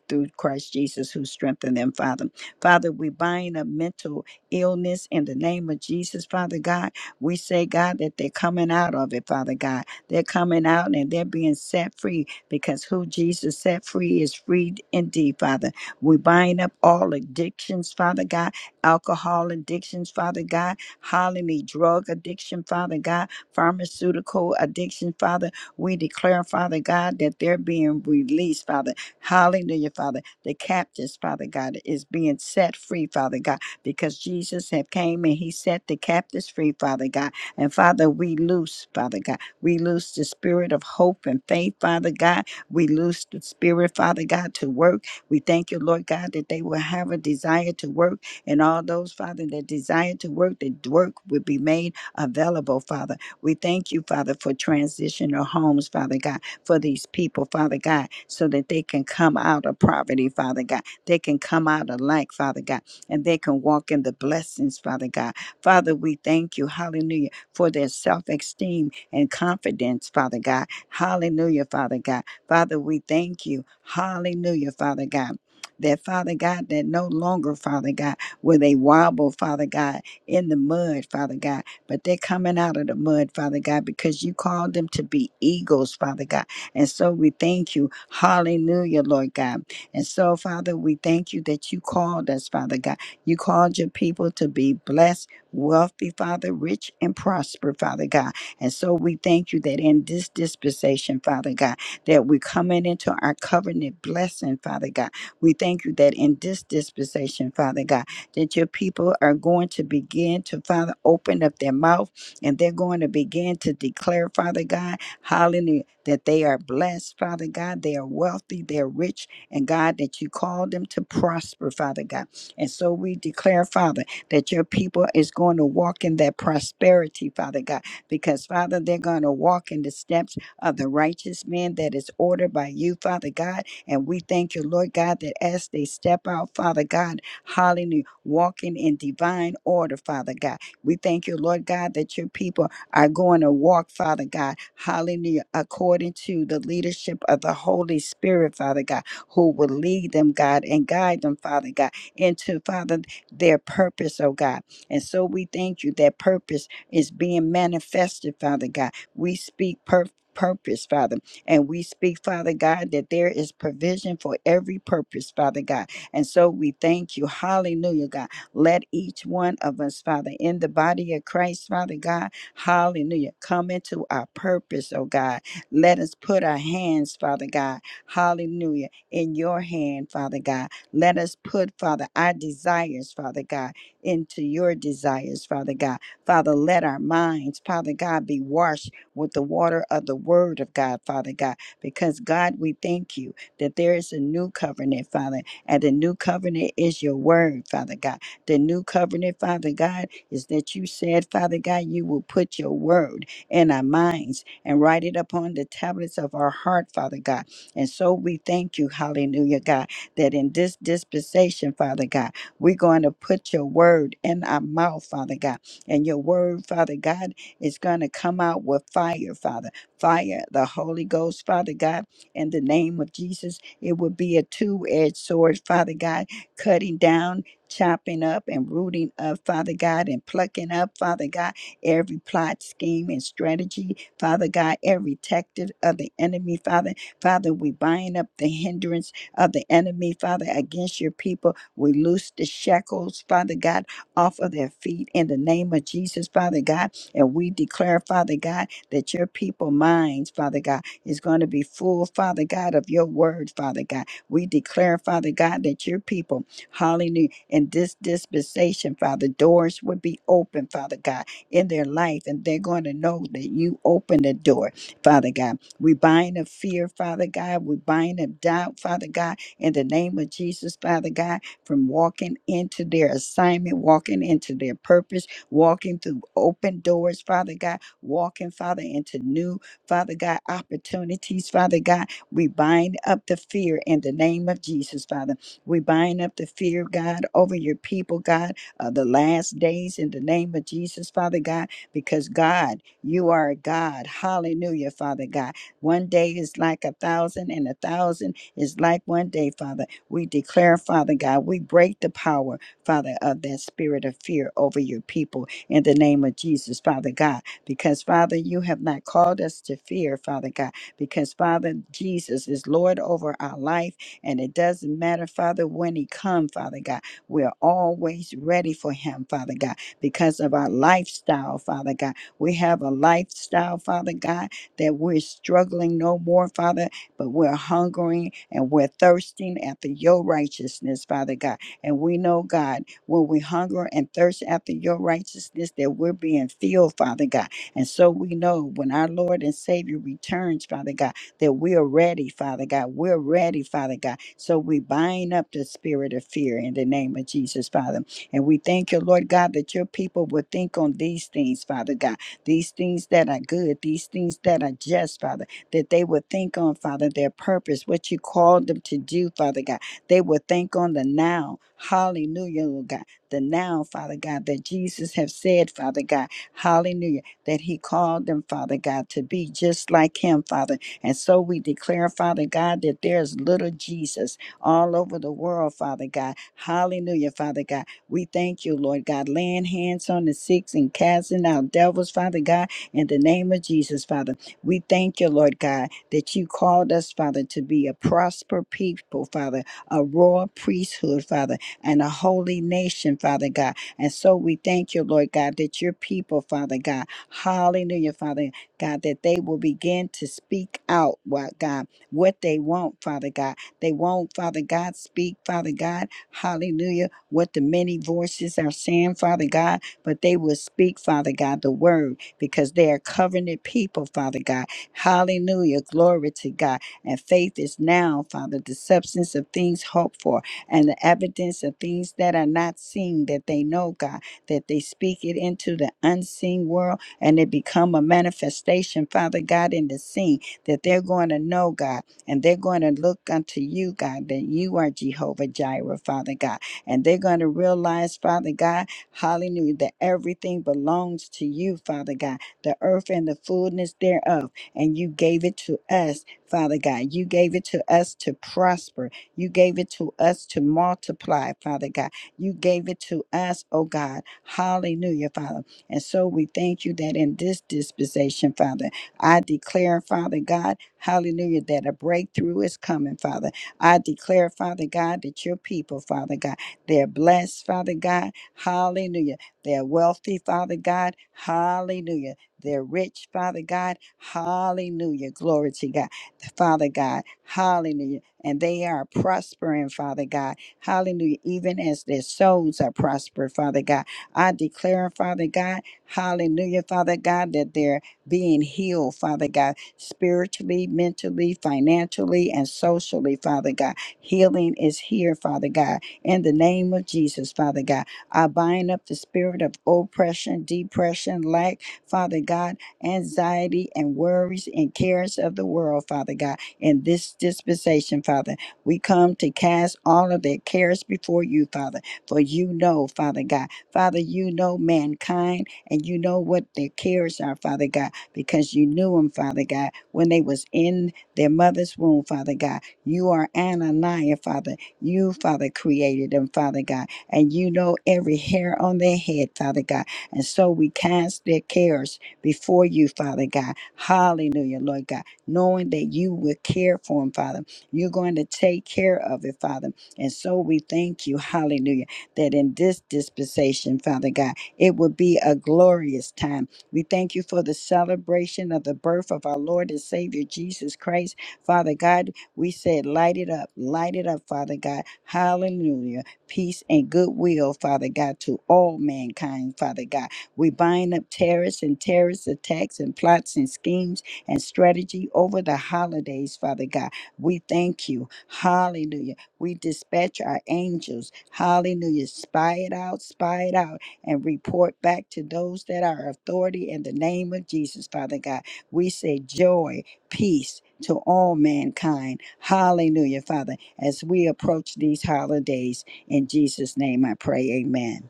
[SPEAKER 1] through Christ Jesus who strengthened them, Father. Father, we bind up mental illness in the name of Jesus, Father God. We say, God, that they're coming out of it, Father God. They're coming out and they're being set free because who Jesus set free is free indeed, Father. We bind up all addictions, Father God, alcohol addictions, Father God, hallelujah, drug addiction, Father God, pharmaceutical addiction, Father. We declare, Father God, that they're being released, Father. Hallelujah, Father. The captives, Father God, is being set free, Father God because Jesus have came and he set the captives free, Father God. And Father, we loose, Father God. We loose the spirit of hope and faith, Father God. We loose the spirit, Father God, to work. We thank you, Lord God, that they will have a desire to work. And all those, Father, that desire to work, that work will be made available, Father. We thank you, Father, for transitional homes, Father God, for these people, Father God, so that they can come out of poverty, Father God. They can come out of lack, Father God and they can walk in the blessings, Father God. Father, we thank you, hallelujah, for their self esteem and confidence, Father God. Hallelujah, Father God. Father, we thank you, hallelujah, Father God. That Father God, that no longer, Father God, will they wobble, Father God, in the mud, Father God, but they're coming out of the mud, Father God, because you called them to be eagles, Father God. And so we thank you. Hallelujah, Lord God. And so, Father, we thank you that you called us, Father God. You called your people to be blessed, wealthy, Father, rich and prosper, Father God. And so we thank you that in this dispensation, Father God, that we're coming into our covenant blessing, Father God. We thank you that in this dispensation, Father God, that your people are going to begin to, Father, open up their mouth and they're going to begin to declare, Father God, hallelujah, that they are blessed, Father God. They are wealthy, they're rich, and God, that you called them to prosper, Father God. And so we declare, Father, that your people is going to walk in that prosperity, Father God, because, Father, they're going to walk in the steps of the righteous man that is ordered by you, Father God. And we thank you, Lord God, that as they step out, Father God, hallelujah, walking in divine order, Father God. We thank you, Lord God, that your people are going to walk, Father God, hallelujah, according to the leadership of the Holy Spirit, Father God, who will lead them, God, and guide them, Father God into, Father, their purpose, oh God. And so we thank you that purpose is being manifested, Father God. We speak purpose. Purpose, Father. And we speak, Father God, that there is provision for every purpose, Father God. And so we thank you. Hallelujah, God. Let each one of us, Father, in the body of Christ, Father God, hallelujah, come into our purpose, oh God. Let us put our hands, Father God, hallelujah, in your hand, Father God let us put, Father, our desires, Father God, into your desires, Father God. Father, let our minds, Father God, be washed with the water of the word of God, Father God, because God, we thank you that there is a new covenant, Father, and the new covenant is your word, Father God. The new covenant, Father God, is that you said, Father God, you will put your word in our minds and write it upon the tablets of our heart, Father God. And so we thank you, hallelujah, God that in this dispensation, Father God, we're going to put your word in our mouth, Father God. And your word, Father God, is going to come out with fire, Father. Fire, the Holy Ghost, Father God, in the name of Jesus. It would be a two edged sword, Father God, cutting down. Chopping up and rooting up, Father God, and plucking up, Father God, every plot, scheme, and strategy, Father God, every tactic of the enemy, Father. Father, we bind up the hindrances of the enemy, Father, against your people. We loose the shackles, Father God, off of their feet in the name of Jesus, Father God. And we declare, Father God, that your people minds, Father God, is going to be full, Father God, of your word, Father God. We declare, Father God, that your people, hallelujah, in this dispensation, Father, doors would be open, Father God, in their life, and they're going to know that you open the door, Father God. We bind up fear, Father God. We bind up doubt, Father God, in the name of Jesus, Father God, from walking into their assignment, walking into their purpose, walking through open doors, Father God, walking, Father, into new, Father God, opportunities, Father God. We bind up the fear in the name of Jesus, Father. We bind up the fear, God, over your people, God, of the last days in the name of Jesus, Father God, because God, you are a God. Hallelujah, Father God one day is like a thousand, and a thousand is like one day, Father. We declare, Father God, we break the power, Father, of that spirit of fear over your people in the name of Jesus, Father God, because, Father, you have not called us to fear, Father God, because, Father, Jesus is Lord over our life, and it doesn't matter, Father, when He comes, Father God. We're always ready for Him, Father God, because of our lifestyle, Father God. We have a lifestyle, Father God that we're struggling no more, Father, but we're hungering and we're thirsting after your righteousness, Father God. And we know, God, when we hunger and thirst after your righteousness, that we're being filled, Father God. And so we know when our Lord and Savior returns, Father God, that we are ready, Father God. We're ready, Father God. So we bind up the spirit of fear in the name of Jesus, Father. And we thank you, Lord God, that your people will think on these things, Father God these things that are good, these things that are just, Father, that they would think on, Father, their purpose, what you called them to do, Father God. They would think on the now. Hallelujah, Lord God. The now, Father God, that Jesus have said, Father God, hallelujah, that he called them, Father God, to be just like him, Father. And so we declare, Father God, that there's little Jesus all over the world, Father God. Hallelujah, Father God we thank you, Lord God, laying hands on the sick and casting out devils, Father God, in the name of Jesus, Father. We thank you, Lord God, that you called us, Father, to be a prosper people, Father, a royal priesthood, Father, and a holy nation, Father God. And so we thank you, Lord God, that your people, Father God, hallelujah, Father God, that they will begin to speak out, what God, what they want, Father God. They won't, Father God, speak, Father God, hallelujah what the many voices are saying, Father God, but they will speak, Father God, the word because they are covenant people, Father God. Hallelujah. Glory to God. And faith is now, Father, the substance of things hoped for and the evidence of things that are not seen that they know, God, that they speak it into the unseen world and it become a manifestation, Father God, in the seen that they're going to know, God, and they're going to look unto you, God, that you are Jehovah Jireh, Father God and they're going to realize, Father God, hallelujah, that everything belongs to you, Father God, the earth and the fullness thereof. And you gave it to us, Father God. You gave it to us to prosper. You gave it to us to multiply, Father God. You gave it to us, oh God. Hallelujah, Father. And so we thank you that in this dispensation, Father, I declare, Father God, hallelujah, that a breakthrough is coming, Father. I declare, Father God, that your people, Father God, they're blessed, Father God. Hallelujah. They're wealthy, Father God. Hallelujah. They're rich, Father God. Hallelujah. Glory to God. Father God. Hallelujah. And they are prospering, Father God. Hallelujah. Even as their souls are prospered, Father God. I declare, Father God, hallelujah, Father God, that they're being healed, Father God, spiritually, mentally, financially, and socially, Father God. Healing is here, Father God in the name of Jesus, Father God. I bind up the spirit of oppression, depression, lack, Father God, anxiety and worries and cares of the world, Father God, in this dispensation, Father. We come to cast all of their cares before you, Father, for you know, Father God. Father, you know mankind and you know what their cares are, Father God, because you knew them, Father God, when they was in their mother's womb, Father God. You are Ananiah, Father you, Father, created them, Father God, and you know every hair on their head, Father God. And so we cast their cares before you, Father God. Hallelujah, Lord God, knowing that you will care for them, Father. You're going to take care of it, Father. And so we thank you, hallelujah, that in this dispensation, Father God, it will be a glorious time. We thank you for the celebration of the birth of our Lord and Savior Jesus Christ, Father God. We said, light it up, light it up, Father God. Hallelujah. Peace and goodwill, Father God, to all mankind, Father God. We bind up terrorists and terrorist attacks and plots and schemes and strategy over the holidays, Father God. We thank you. Hallelujah. We dispatch our angels. Hallelujah. Spy it out, spy it out, and report back to those that are authority in the name of Jesus, Father God. We say joy peace to all mankind. Hallelujah, Father, as we approach these holidays. In Jesus' name I pray, amen.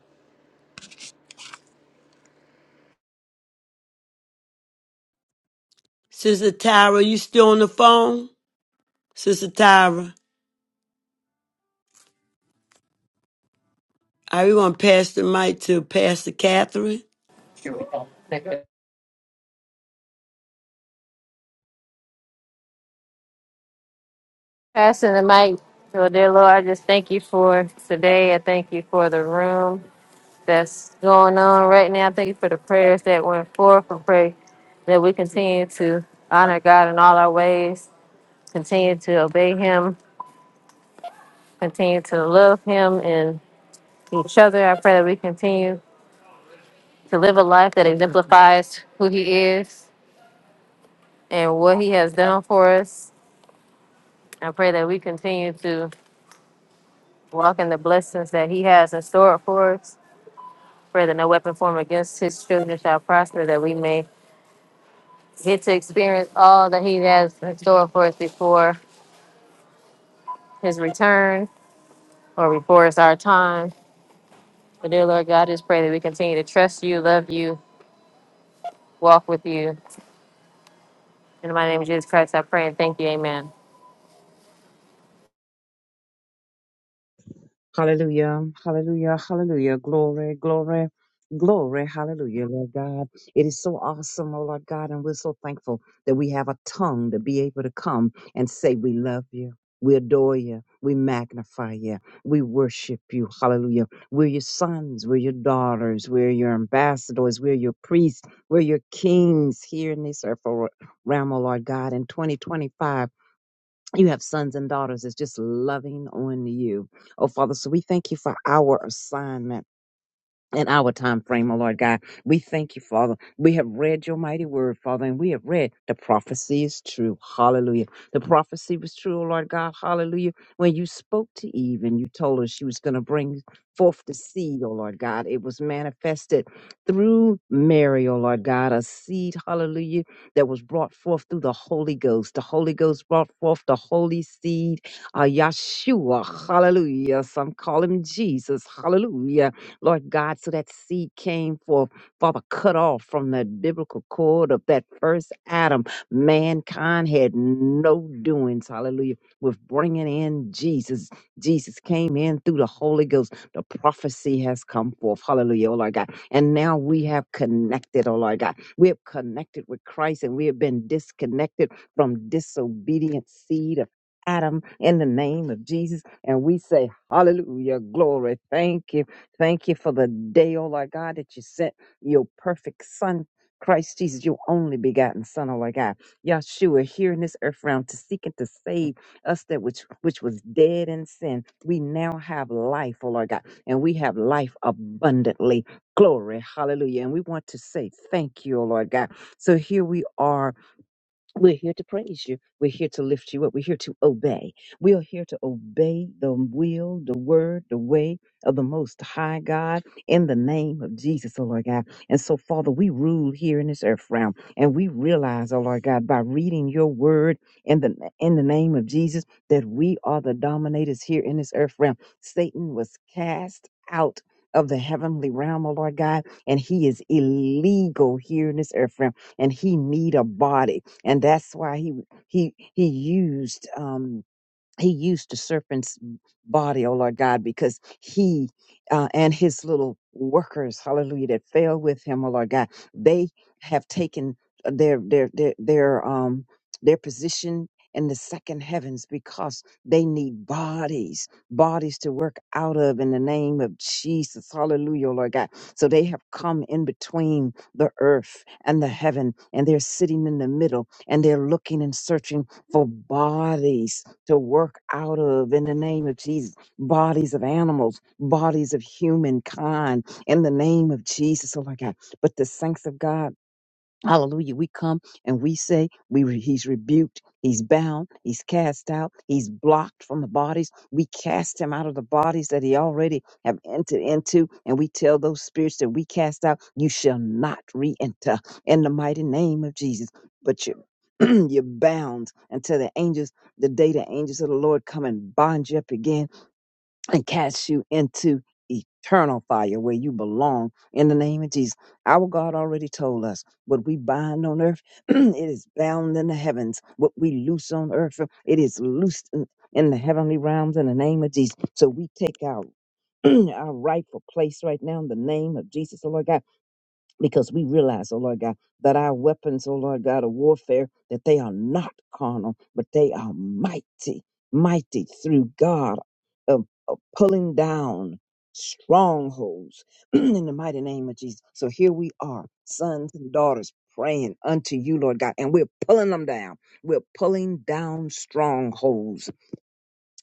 [SPEAKER 2] Sister Tyra, you still on the phone? Sister Tyra. Are we going to pass the mic to Pastor Catherine?
[SPEAKER 4] Here we go. Thank you. Passing the mic. So, dear Lord, I just thank you for today. I thank you for the room that's going on right now. Thank you for the prayers that went forth. I pray that we continue to honor God in all our ways, continue to obey Him, continue to love Him and each other. I pray that we continue to live a life that exemplifies who He is and what He has done for us. I pray that we continue to walk in the blessings that He has in store for us. Pray that no weapon formed against his children shall prosper, that we may get to experience all that he has in store for us before his return or before it's our time. But dear Lord God, just pray that we continue to trust you, love you, walk with you. In my name of Jesus Christ, I pray and thank you. Amen.
[SPEAKER 5] Hallelujah, hallelujah, hallelujah. Glory, glory, glory, hallelujah, Lord God. It is so awesome, oh Lord God, and we're so thankful that we have a tongue to be able to come and say, We love you, we adore you, we magnify you, we worship you, hallelujah. We're your sons, we're your daughters, we're your ambassadors, we're your priests, we're your kings here in this earth, oh, realm, oh Lord God, in 2025 you have sons and daughters that's just loving on you. Oh, Father, so we thank you for our assignment in our time frame, O Lord God. We thank you, Father. We have read your mighty word, Father, and we have read the prophecy is true. Hallelujah. The prophecy was true, O Lord God. Hallelujah. When you spoke to Eve and you told her she was going to bring forth the seed, O Lord God, it was manifested through Mary, O Lord God, a seed, hallelujah, that was brought forth through the Holy Ghost. The Holy Ghost brought forth the holy seed, uh, Yeshua, hallelujah. Some call him Jesus, hallelujah Lord God, so that seed came forth, Father, cut off from the biblical cord of that first Adam. Mankind had no doings, hallelujah, with bringing in Jesus. Jesus came in through the Holy Ghost. The prophecy has come forth, hallelujah, oh Lord God. And now we have connected, oh Lord God. We have connected with Christ and we have been disconnected from disobedient seed of Adam in the name of Jesus. And we say, Hallelujah, glory. Thank you. Thank you for the day, O Lord God, that you sent your perfect Son, Christ Jesus, your only begotten Son, O Lord God. Yahshua, here in this earth realm to seek and to save us that which, which was dead in sin. We now have life, O Lord God, and we have life abundantly. Glory, hallelujah. And we want to say thank you, O Lord God. So here we are we're here to praise you. We're here to lift you up. We're here to obey. We are here to obey the will, the word, the way of the Most High God in the name of Jesus, oh Lord God. And so, Father, we rule here in this earth realm, and we realize, oh Lord God, by reading Your Word in the in the name of Jesus, that we are the dominators here in this earth realm. Satan was cast out. Of the heavenly realm, oh Lord God, and he is illegal here in this earth realm, and he need a body and that's why he he he used um, he used the serpent's body, oh Lord God, because he uh, and his little workers, hallelujah, that fell with him, oh Lord God, they have taken their their their their um their position in the second heavens because they need bodies, bodies to work out of in the name of Jesus, hallelujah, oh Lord God. So they have come in between the earth and the heaven, and they're sitting in the middle, and they're looking and searching for bodies to work out of in the name of Jesus. Bodies of animals, bodies of humankind in the name of Jesus. Oh my God. But the saints of God. Hallelujah. We come and we say we re- he's rebuked, he's bound, he's cast out, he's blocked from the bodies. We cast him out of the bodies that he already have entered into, and we tell those spirits that we cast out, you shall not re-enter in the mighty name of Jesus. But you you're bound until the angels, the day the angels of the Lord come and bind you up again and cast you into eternal fire where you belong in the name of Jesus. Our God already told us what we bind on earth, it is bound in the heavens. What we loose on earth, it is loosed in, in the heavenly realms in the name of Jesus. So we take our our rightful place right now in the name of Jesus, oh Lord God because we realize, oh Lord God, that our weapons, oh Lord God, of warfare, that they are not carnal, but they are mighty, mighty through God of, of pulling down strongholds in the mighty name of Jesus. So here we are, sons and daughters. Praying unto you, Lord God, and we're pulling them down. We're pulling down strongholds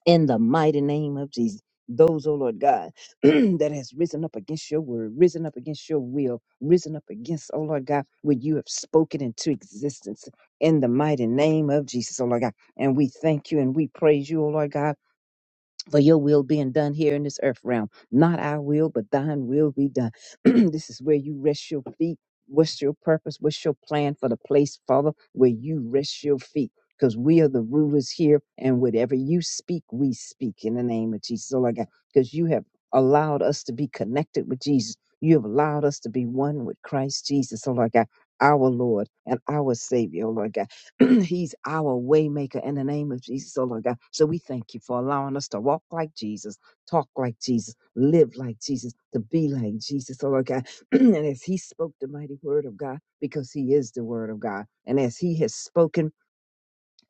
[SPEAKER 5] in the mighty name of Jesus. Those, oh Lord God, that has risen up against your word, risen up against your will, risen up against, oh Lord God, what you have spoken into existence in the mighty name of Jesus, oh Lord God. And we thank you and we praise you, oh Lord God for your will being done here in this earth realm. Not our will, but thine will be done. this is where you rest your feet. What's your purpose? What's your plan for the place, Father, where you rest your feet? Because we are the rulers here, and whatever you speak, we speak in the name of Jesus. Oh, my God. Because you have allowed us to be connected with Jesus. You have allowed us to be one with Christ Jesus. Oh, Lord God, our Lord and our Savior, oh, Lord God. He's our waymaker in the name of Jesus, oh Lord God. So we thank you for allowing us to walk like Jesus, talk like Jesus, live like Jesus, to be like Jesus, oh Lord God. and as He spoke the mighty word of God, because He is the word of God, and as He has spoken,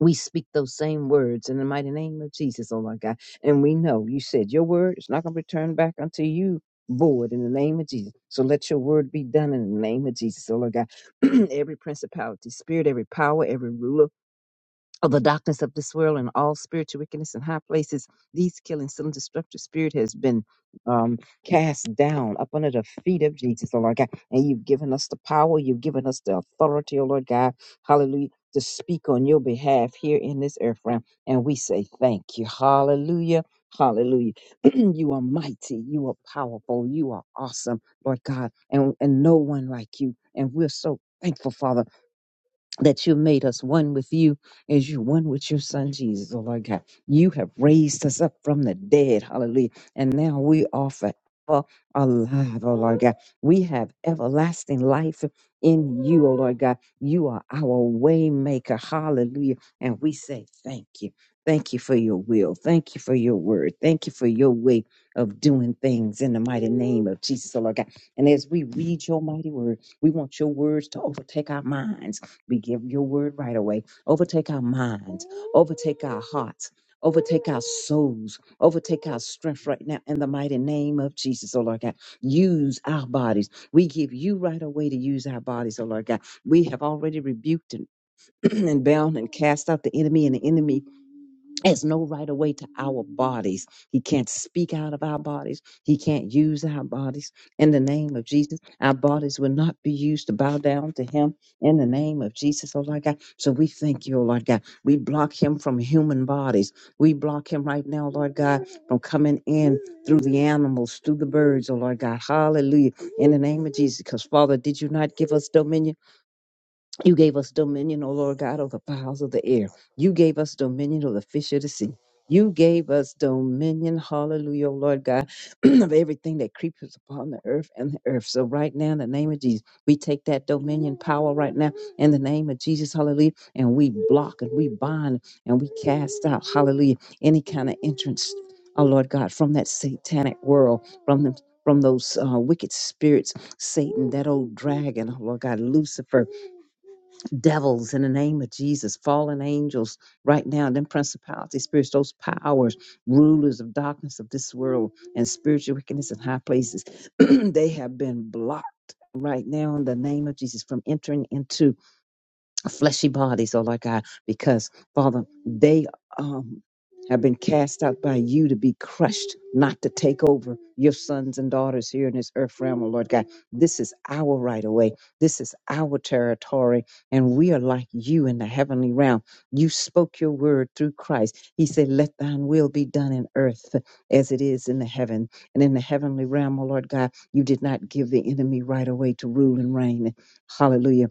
[SPEAKER 5] we speak those same words in the mighty name of Jesus, oh Lord God. And we know you said your word is not going to return back unto you. Void in the name of Jesus. So let your word be done in the name of Jesus, oh Lord God. every principality, spirit, every power, every ruler of the darkness of this world and all spiritual wickedness in high places. These killing, still destructive spirit has been um, cast down up under the feet of Jesus, oh Lord God. And you've given us the power, you've given us the authority, oh Lord God. Hallelujah. To speak on your behalf here in this earth realm. And we say thank you. Hallelujah. Hallelujah. you are mighty. You are powerful. You are awesome, Lord God. And, and no one like you. And we're so thankful, Father that you made us one with you as you one with your son Jesus, oh Lord God. You have raised us up from the dead, hallelujah. And now we are forever alive, oh Lord God. We have everlasting life in you, oh Lord God. You are our way maker, hallelujah. And we say thank you. Thank you for your will. Thank you for your word. Thank you for your way of doing things in the mighty name of Jesus, oh Lord God. And as we read your mighty word, we want your words to overtake our minds. We give your word right away. Overtake our minds, overtake our hearts, overtake our souls, overtake our strength right now in the mighty name of Jesus, oh Lord God. Use our bodies. We give you right away to use our bodies, oh Lord God. We have already rebuked and and bound and cast out the enemy and the enemy has no right of way to our bodies. He can't speak out of our bodies. He can't use our bodies. In the name of Jesus, our bodies will not be used to bow down to him. In the name of Jesus, oh Lord God. So we thank you, oh Lord God. We block him from human bodies. We block him right now, Lord God, from coming in through the animals, through the birds, oh Lord God. Hallelujah. In the name of Jesus. Because Father, did you not give us dominion? You gave us dominion, O Lord God, of the fowls of the air. You gave us dominion of the fish of the sea. You gave us dominion, hallelujah, O Lord God, of everything that creepeth upon the earth and the earth. So right now, in the name of Jesus, we take that dominion power right now in the name of Jesus, hallelujah, and we block and we bind and we cast out, hallelujah, any kind of entrance, oh Lord God, from that satanic world, from them, from those uh, wicked spirits, Satan, that old dragon, oh Lord God, Lucifer devils in the name of Jesus, fallen angels right now, them principalities, spirits, those powers, rulers of darkness of this world and spiritual wickedness in high places. they have been blocked right now in the name of Jesus from entering into fleshy bodies, oh Lord God, because Father, they um have been cast out by you to be crushed, not to take over your sons and daughters here in this earth realm, oh Lord God. This is our right of way. This is our territory, and we are like you in the heavenly realm. You spoke your word through Christ. He said, Let thine will be done in earth as it is in the heaven. And in the heavenly realm, oh Lord God, you did not give the enemy right away to rule and reign. Hallelujah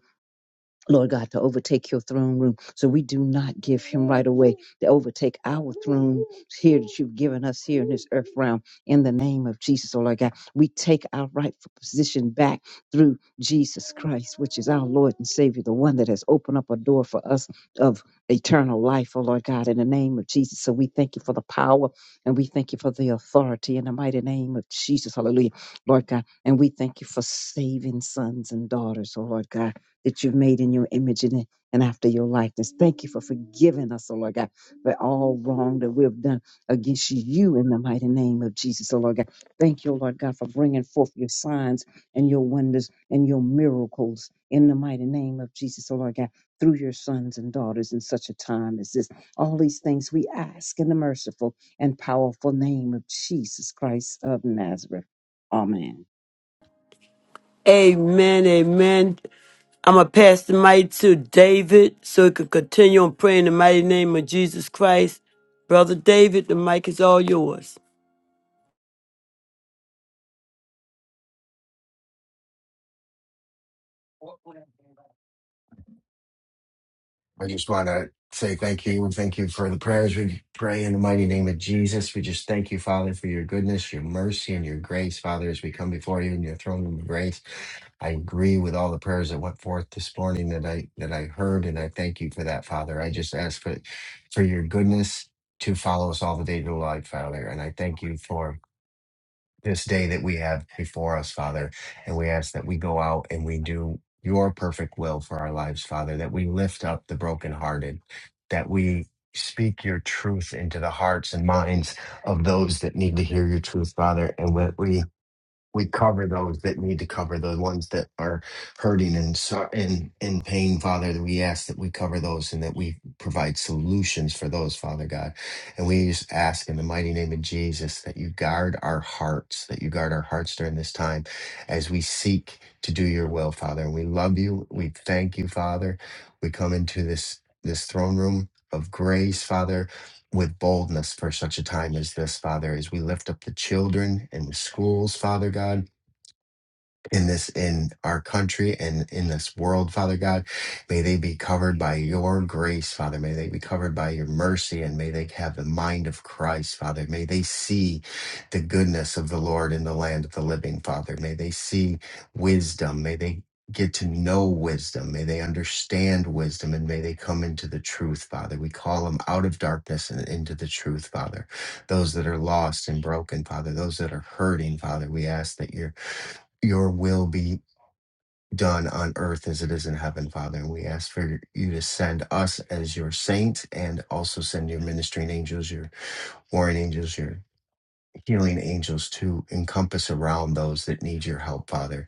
[SPEAKER 5] Lord God, to overtake your throne room. So we do not give him right away to overtake our throne here that you've given us here in this earth realm. In the name of Jesus, oh Lord God, we take our rightful position back through Jesus Christ, which is our Lord and Savior, the one that has opened up a door for us of eternal life, oh Lord God, in the name of Jesus. So we thank you for the power and we thank you for the authority in the mighty name of Jesus. Hallelujah, Lord God. And we thank you for saving sons and daughters, oh Lord God that you've made in your image and, and after your likeness. Thank you for forgiving us, oh Lord God, for all wrong that we've done against you in the mighty name of Jesus, oh Lord God. Thank you, oh Lord God, for bringing forth your signs and your wonders and your miracles in the mighty name of Jesus, oh Lord God, through your sons and daughters in such a time as this. All these things we ask in the merciful and powerful name of Jesus Christ of Nazareth. Amen.
[SPEAKER 2] Amen. Amen. I'm going to pass the mic to David so he can continue on praying in the mighty name of Jesus Christ. Brother David, the mic is all yours.
[SPEAKER 6] I just want to say thank you and thank you for the prayers we pray in the mighty name of Jesus. We just thank you, Father, for your goodness, your mercy, and your grace, Father, as we come before you in your throne of grace. I agree with all the prayers that went forth this morning that I that I heard, and I thank you for that, Father. I just ask for for your goodness to follow us all the day to life, Father, and I thank you for this day that we have before us, Father. And we ask that we go out and we do your perfect will for our lives, Father, that we lift up the brokenhearted, that we speak your truth into the hearts and minds of those that need to hear your truth, Father, and that we we cover those that need to cover the ones that are hurting and so- and in pain father that we ask that we cover those and that we provide solutions for those father god and we just ask in the mighty name of jesus that you guard our hearts that you guard our hearts during this time as we seek to do your will father and we love you we thank you father we come into this this throne room of grace father with boldness for such a time as this, Father, as we lift up the children and the schools, Father God in this in our country and in this world father god may they be covered by your grace father may they be covered by your mercy and may they have the mind of christ father may they see the goodness of the lord in the land of the living father may they see wisdom may they Get to know wisdom. May they understand wisdom and may they come into the truth, Father. We call them out of darkness and into the truth, Father. Those that are lost and broken, Father. Those that are hurting, Father. We ask that your your will be done on earth as it is in heaven, Father. And we ask for you to send us as your saints and also send your ministering angels, your warring angels, your healing angels to encompass around those that need your help, Father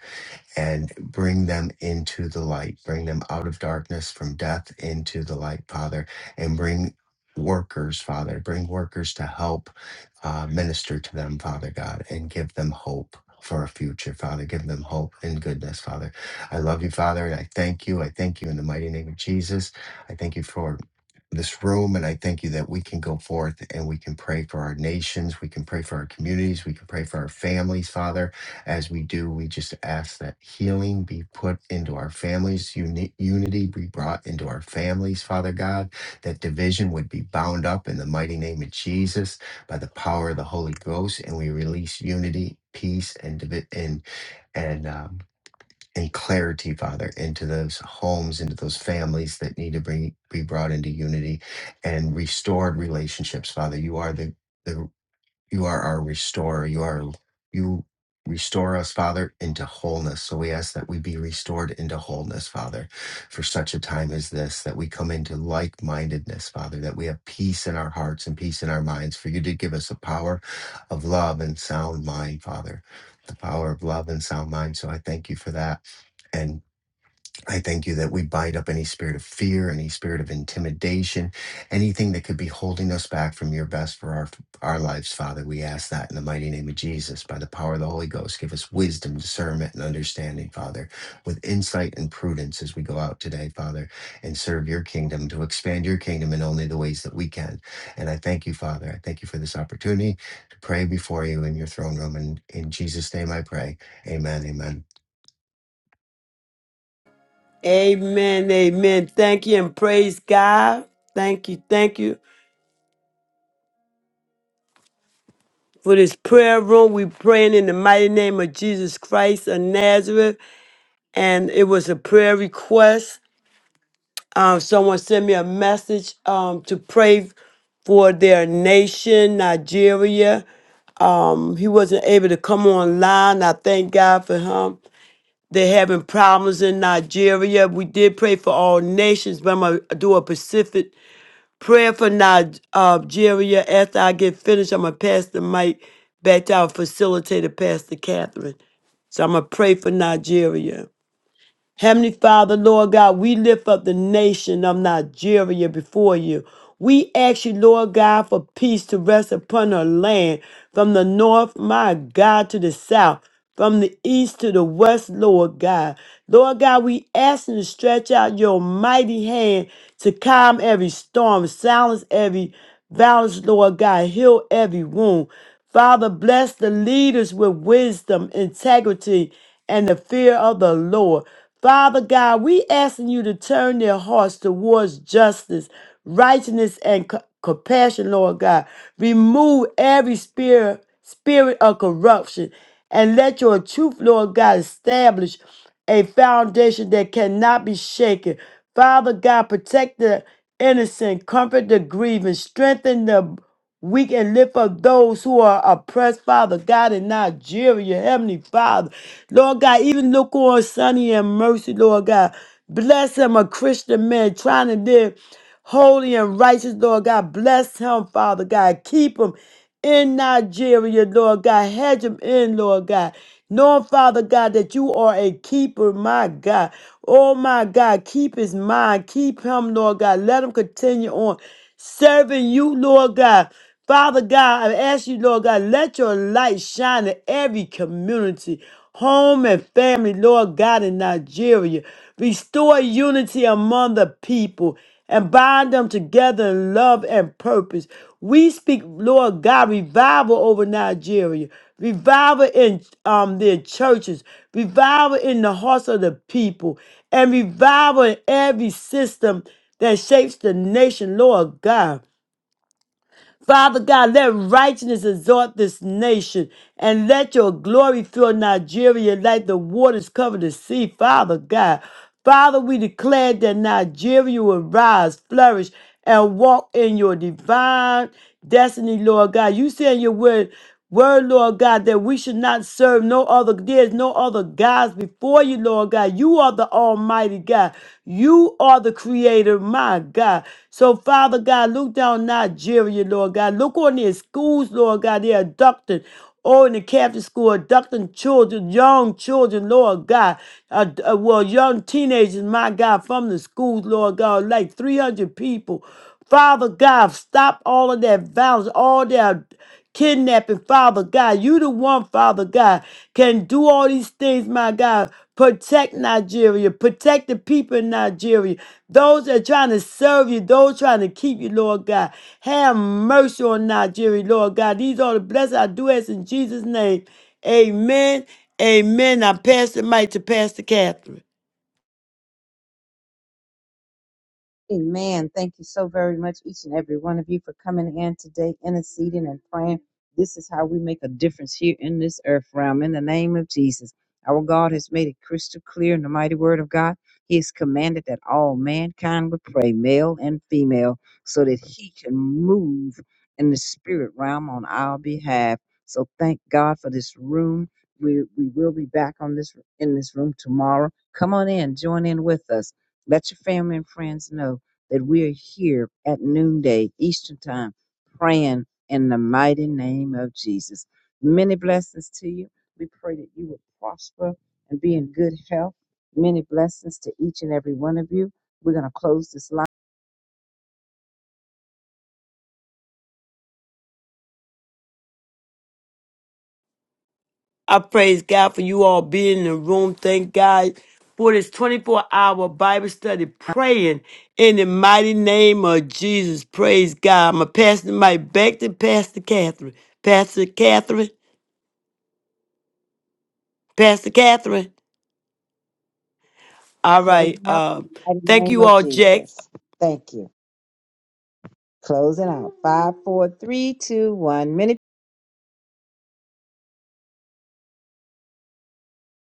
[SPEAKER 6] and bring them into the light, bring them out of darkness from death into the light, Father, and bring workers, Father, bring workers to help uh, minister to them, Father God, and give them hope. For a future, Father. Give them hope and goodness, Father. I love you, Father, and I thank you. I thank you in the mighty name of Jesus. I thank you for this room, and I thank you that we can go forth and we can pray for our nations, we can pray for our communities, we can pray for our families, Father as we do, we just ask that healing be put into our families, uni- unity be brought into our families, Father God, that division would be bound up in the mighty name of Jesus by the power of the Holy Ghost, and we release unity, peace, and divi- and and um, and clarity, Father, into those homes, into those families that need to bring, be brought into unity and restored relationships, Father. You are the you are our restorer. You are you restore us, Father, into wholeness. So we ask that we be restored into wholeness, Father, for such a time as this, that we come into like mindedness, Father, that we have peace in our hearts and peace in our minds, for you to give us the power of love and sound mind, Father. The power of love and sound mind. So I thank you for that. and. I thank you that we bind up any spirit of fear, any spirit of intimidation, anything that could be holding us back from your best for our our lives, Father. We ask that in the mighty name of Jesus, by the power of the Holy Ghost, give us wisdom, discernment, and understanding, Father, with insight and prudence as we go out today, Father, and serve your kingdom to expand your kingdom in only the ways that we can. And I thank you, Father. I thank you for this opportunity to pray before you in your throne room. And in Jesus' name I pray. Amen. Amen.
[SPEAKER 2] Amen. Amen. Thank you and praise God. Thank you. Thank you. for this prayer room. We praying in the mighty name of Jesus Christ of Nazareth. And it was a prayer request. Um, someone sent me a message um, to pray for their nation, Nigeria. Um, he wasn't able to come online. I thank God for him. They're having problems in Nigeria. We did pray for all nations, but I'm going to do a specific Prayer for Nige- Nigeria. After I get finished, I'm going to pass the mic back to our facilitator, Pastor Catherine. So I'm going to pray for Nigeria. Heavenly Father, Lord God, we lift up the nation of Nigeria before you. We ask you, Lord God, for peace to rest upon our land from the north, my God, to the south, from the east to the west, Lord God. Lord God, we ask you to stretch out your mighty hand to calm every storm, silence every violence, Lord God, heal every wound. Father, bless the leaders with wisdom, integrity, and the fear of the Lord. Father God, we asking you to turn their hearts towards justice, righteousness, and co- compassion, Lord God. Remove every spirit, spirit of corruption and let your truth, Lord God, establish a foundation that cannot be shaken. Father God, protect the innocent, comfort the grieving, strengthen the we can lift up those who are oppressed, Father God, in Nigeria, Heavenly Father. Lord God, even look on Sonny and Mercy, Lord God. Bless him, a Christian man trying to live holy and righteous, Lord God. Bless him, Father God. Keep him in Nigeria, Lord God. Hedge them in, Lord God. Knowing, Father God, that you are a keeper, my God. Oh, my God. Keep his mind. Keep him, Lord God. Let him continue on serving you, Lord God. Father God, I ask you, Lord God, let your light shine in every community, home and family, Lord God, in Nigeria. Restore unity among the people and bind them together in love and purpose. We speak, Lord God, revival over Nigeria, revival in um, their churches, revival in the hearts of the people, and revival in every system that shapes the nation, Lord God. Father God, let righteousness exalt this nation and let your glory fill Nigeria like the waters cover the sea, Father God. Father, we declare that Nigeria will rise, flourish, and walk in your divine destiny, Lord God. You say in your word, Word, Lord God, that we should not serve no other, there's no other gods before you, Lord God. You are the Almighty God. You are the Creator, my God. So, Father God, look down Nigeria, Lord God. Look on their schools, Lord God. They're abducting Oh, in the Catholic school, abducting children, young children, Lord God. Uh, uh, well, young teenagers, my God, from the schools, Lord God, like 300 people. Father God, stop all of that violence, all that kidnapping, Father God. You the one, Father God, can do all these things, my God. Protect Nigeria. Protect the people in Nigeria. Those that are trying to serve you, those trying to keep you, Lord God. Have mercy on Nigeria, Lord God. These are the blessings I do ask in Jesus' name. Amen. Amen. I pass the mic to Pastor Catherine.
[SPEAKER 5] Amen. Thank you so very much, each and every one of you, for coming in today, interceding and praying. This is how we make a difference here in this earth realm. In the name of Jesus, our God has made it crystal clear in the mighty word of God. He has commanded that all mankind would pray, male and female, so that He can move in the spirit realm on our behalf. So thank God for this room. We, we will be back on this in this room tomorrow. Come on in, join in with us. Let your family and friends know that we're here at noonday Eastern Time praying in the mighty name of Jesus. Many blessings to you. We pray that you will prosper and be in good health. Many blessings to each and every one of you. We're going to close this line,
[SPEAKER 2] I praise God for you all being in the room. Thank God for this 24 hour Bible study, praying in the mighty name of Jesus. Praise God. I'm going to pass the mic back to Pastor Catherine. Pastor Catherine. Pastor Catherine. All
[SPEAKER 5] close
[SPEAKER 2] right.
[SPEAKER 5] out in
[SPEAKER 2] Uh,
[SPEAKER 5] the mighty
[SPEAKER 2] thank
[SPEAKER 5] name
[SPEAKER 2] you
[SPEAKER 5] of
[SPEAKER 2] all, Jack.
[SPEAKER 5] Jesus. Thank you. Closing out. Five, four, three, two, one. Many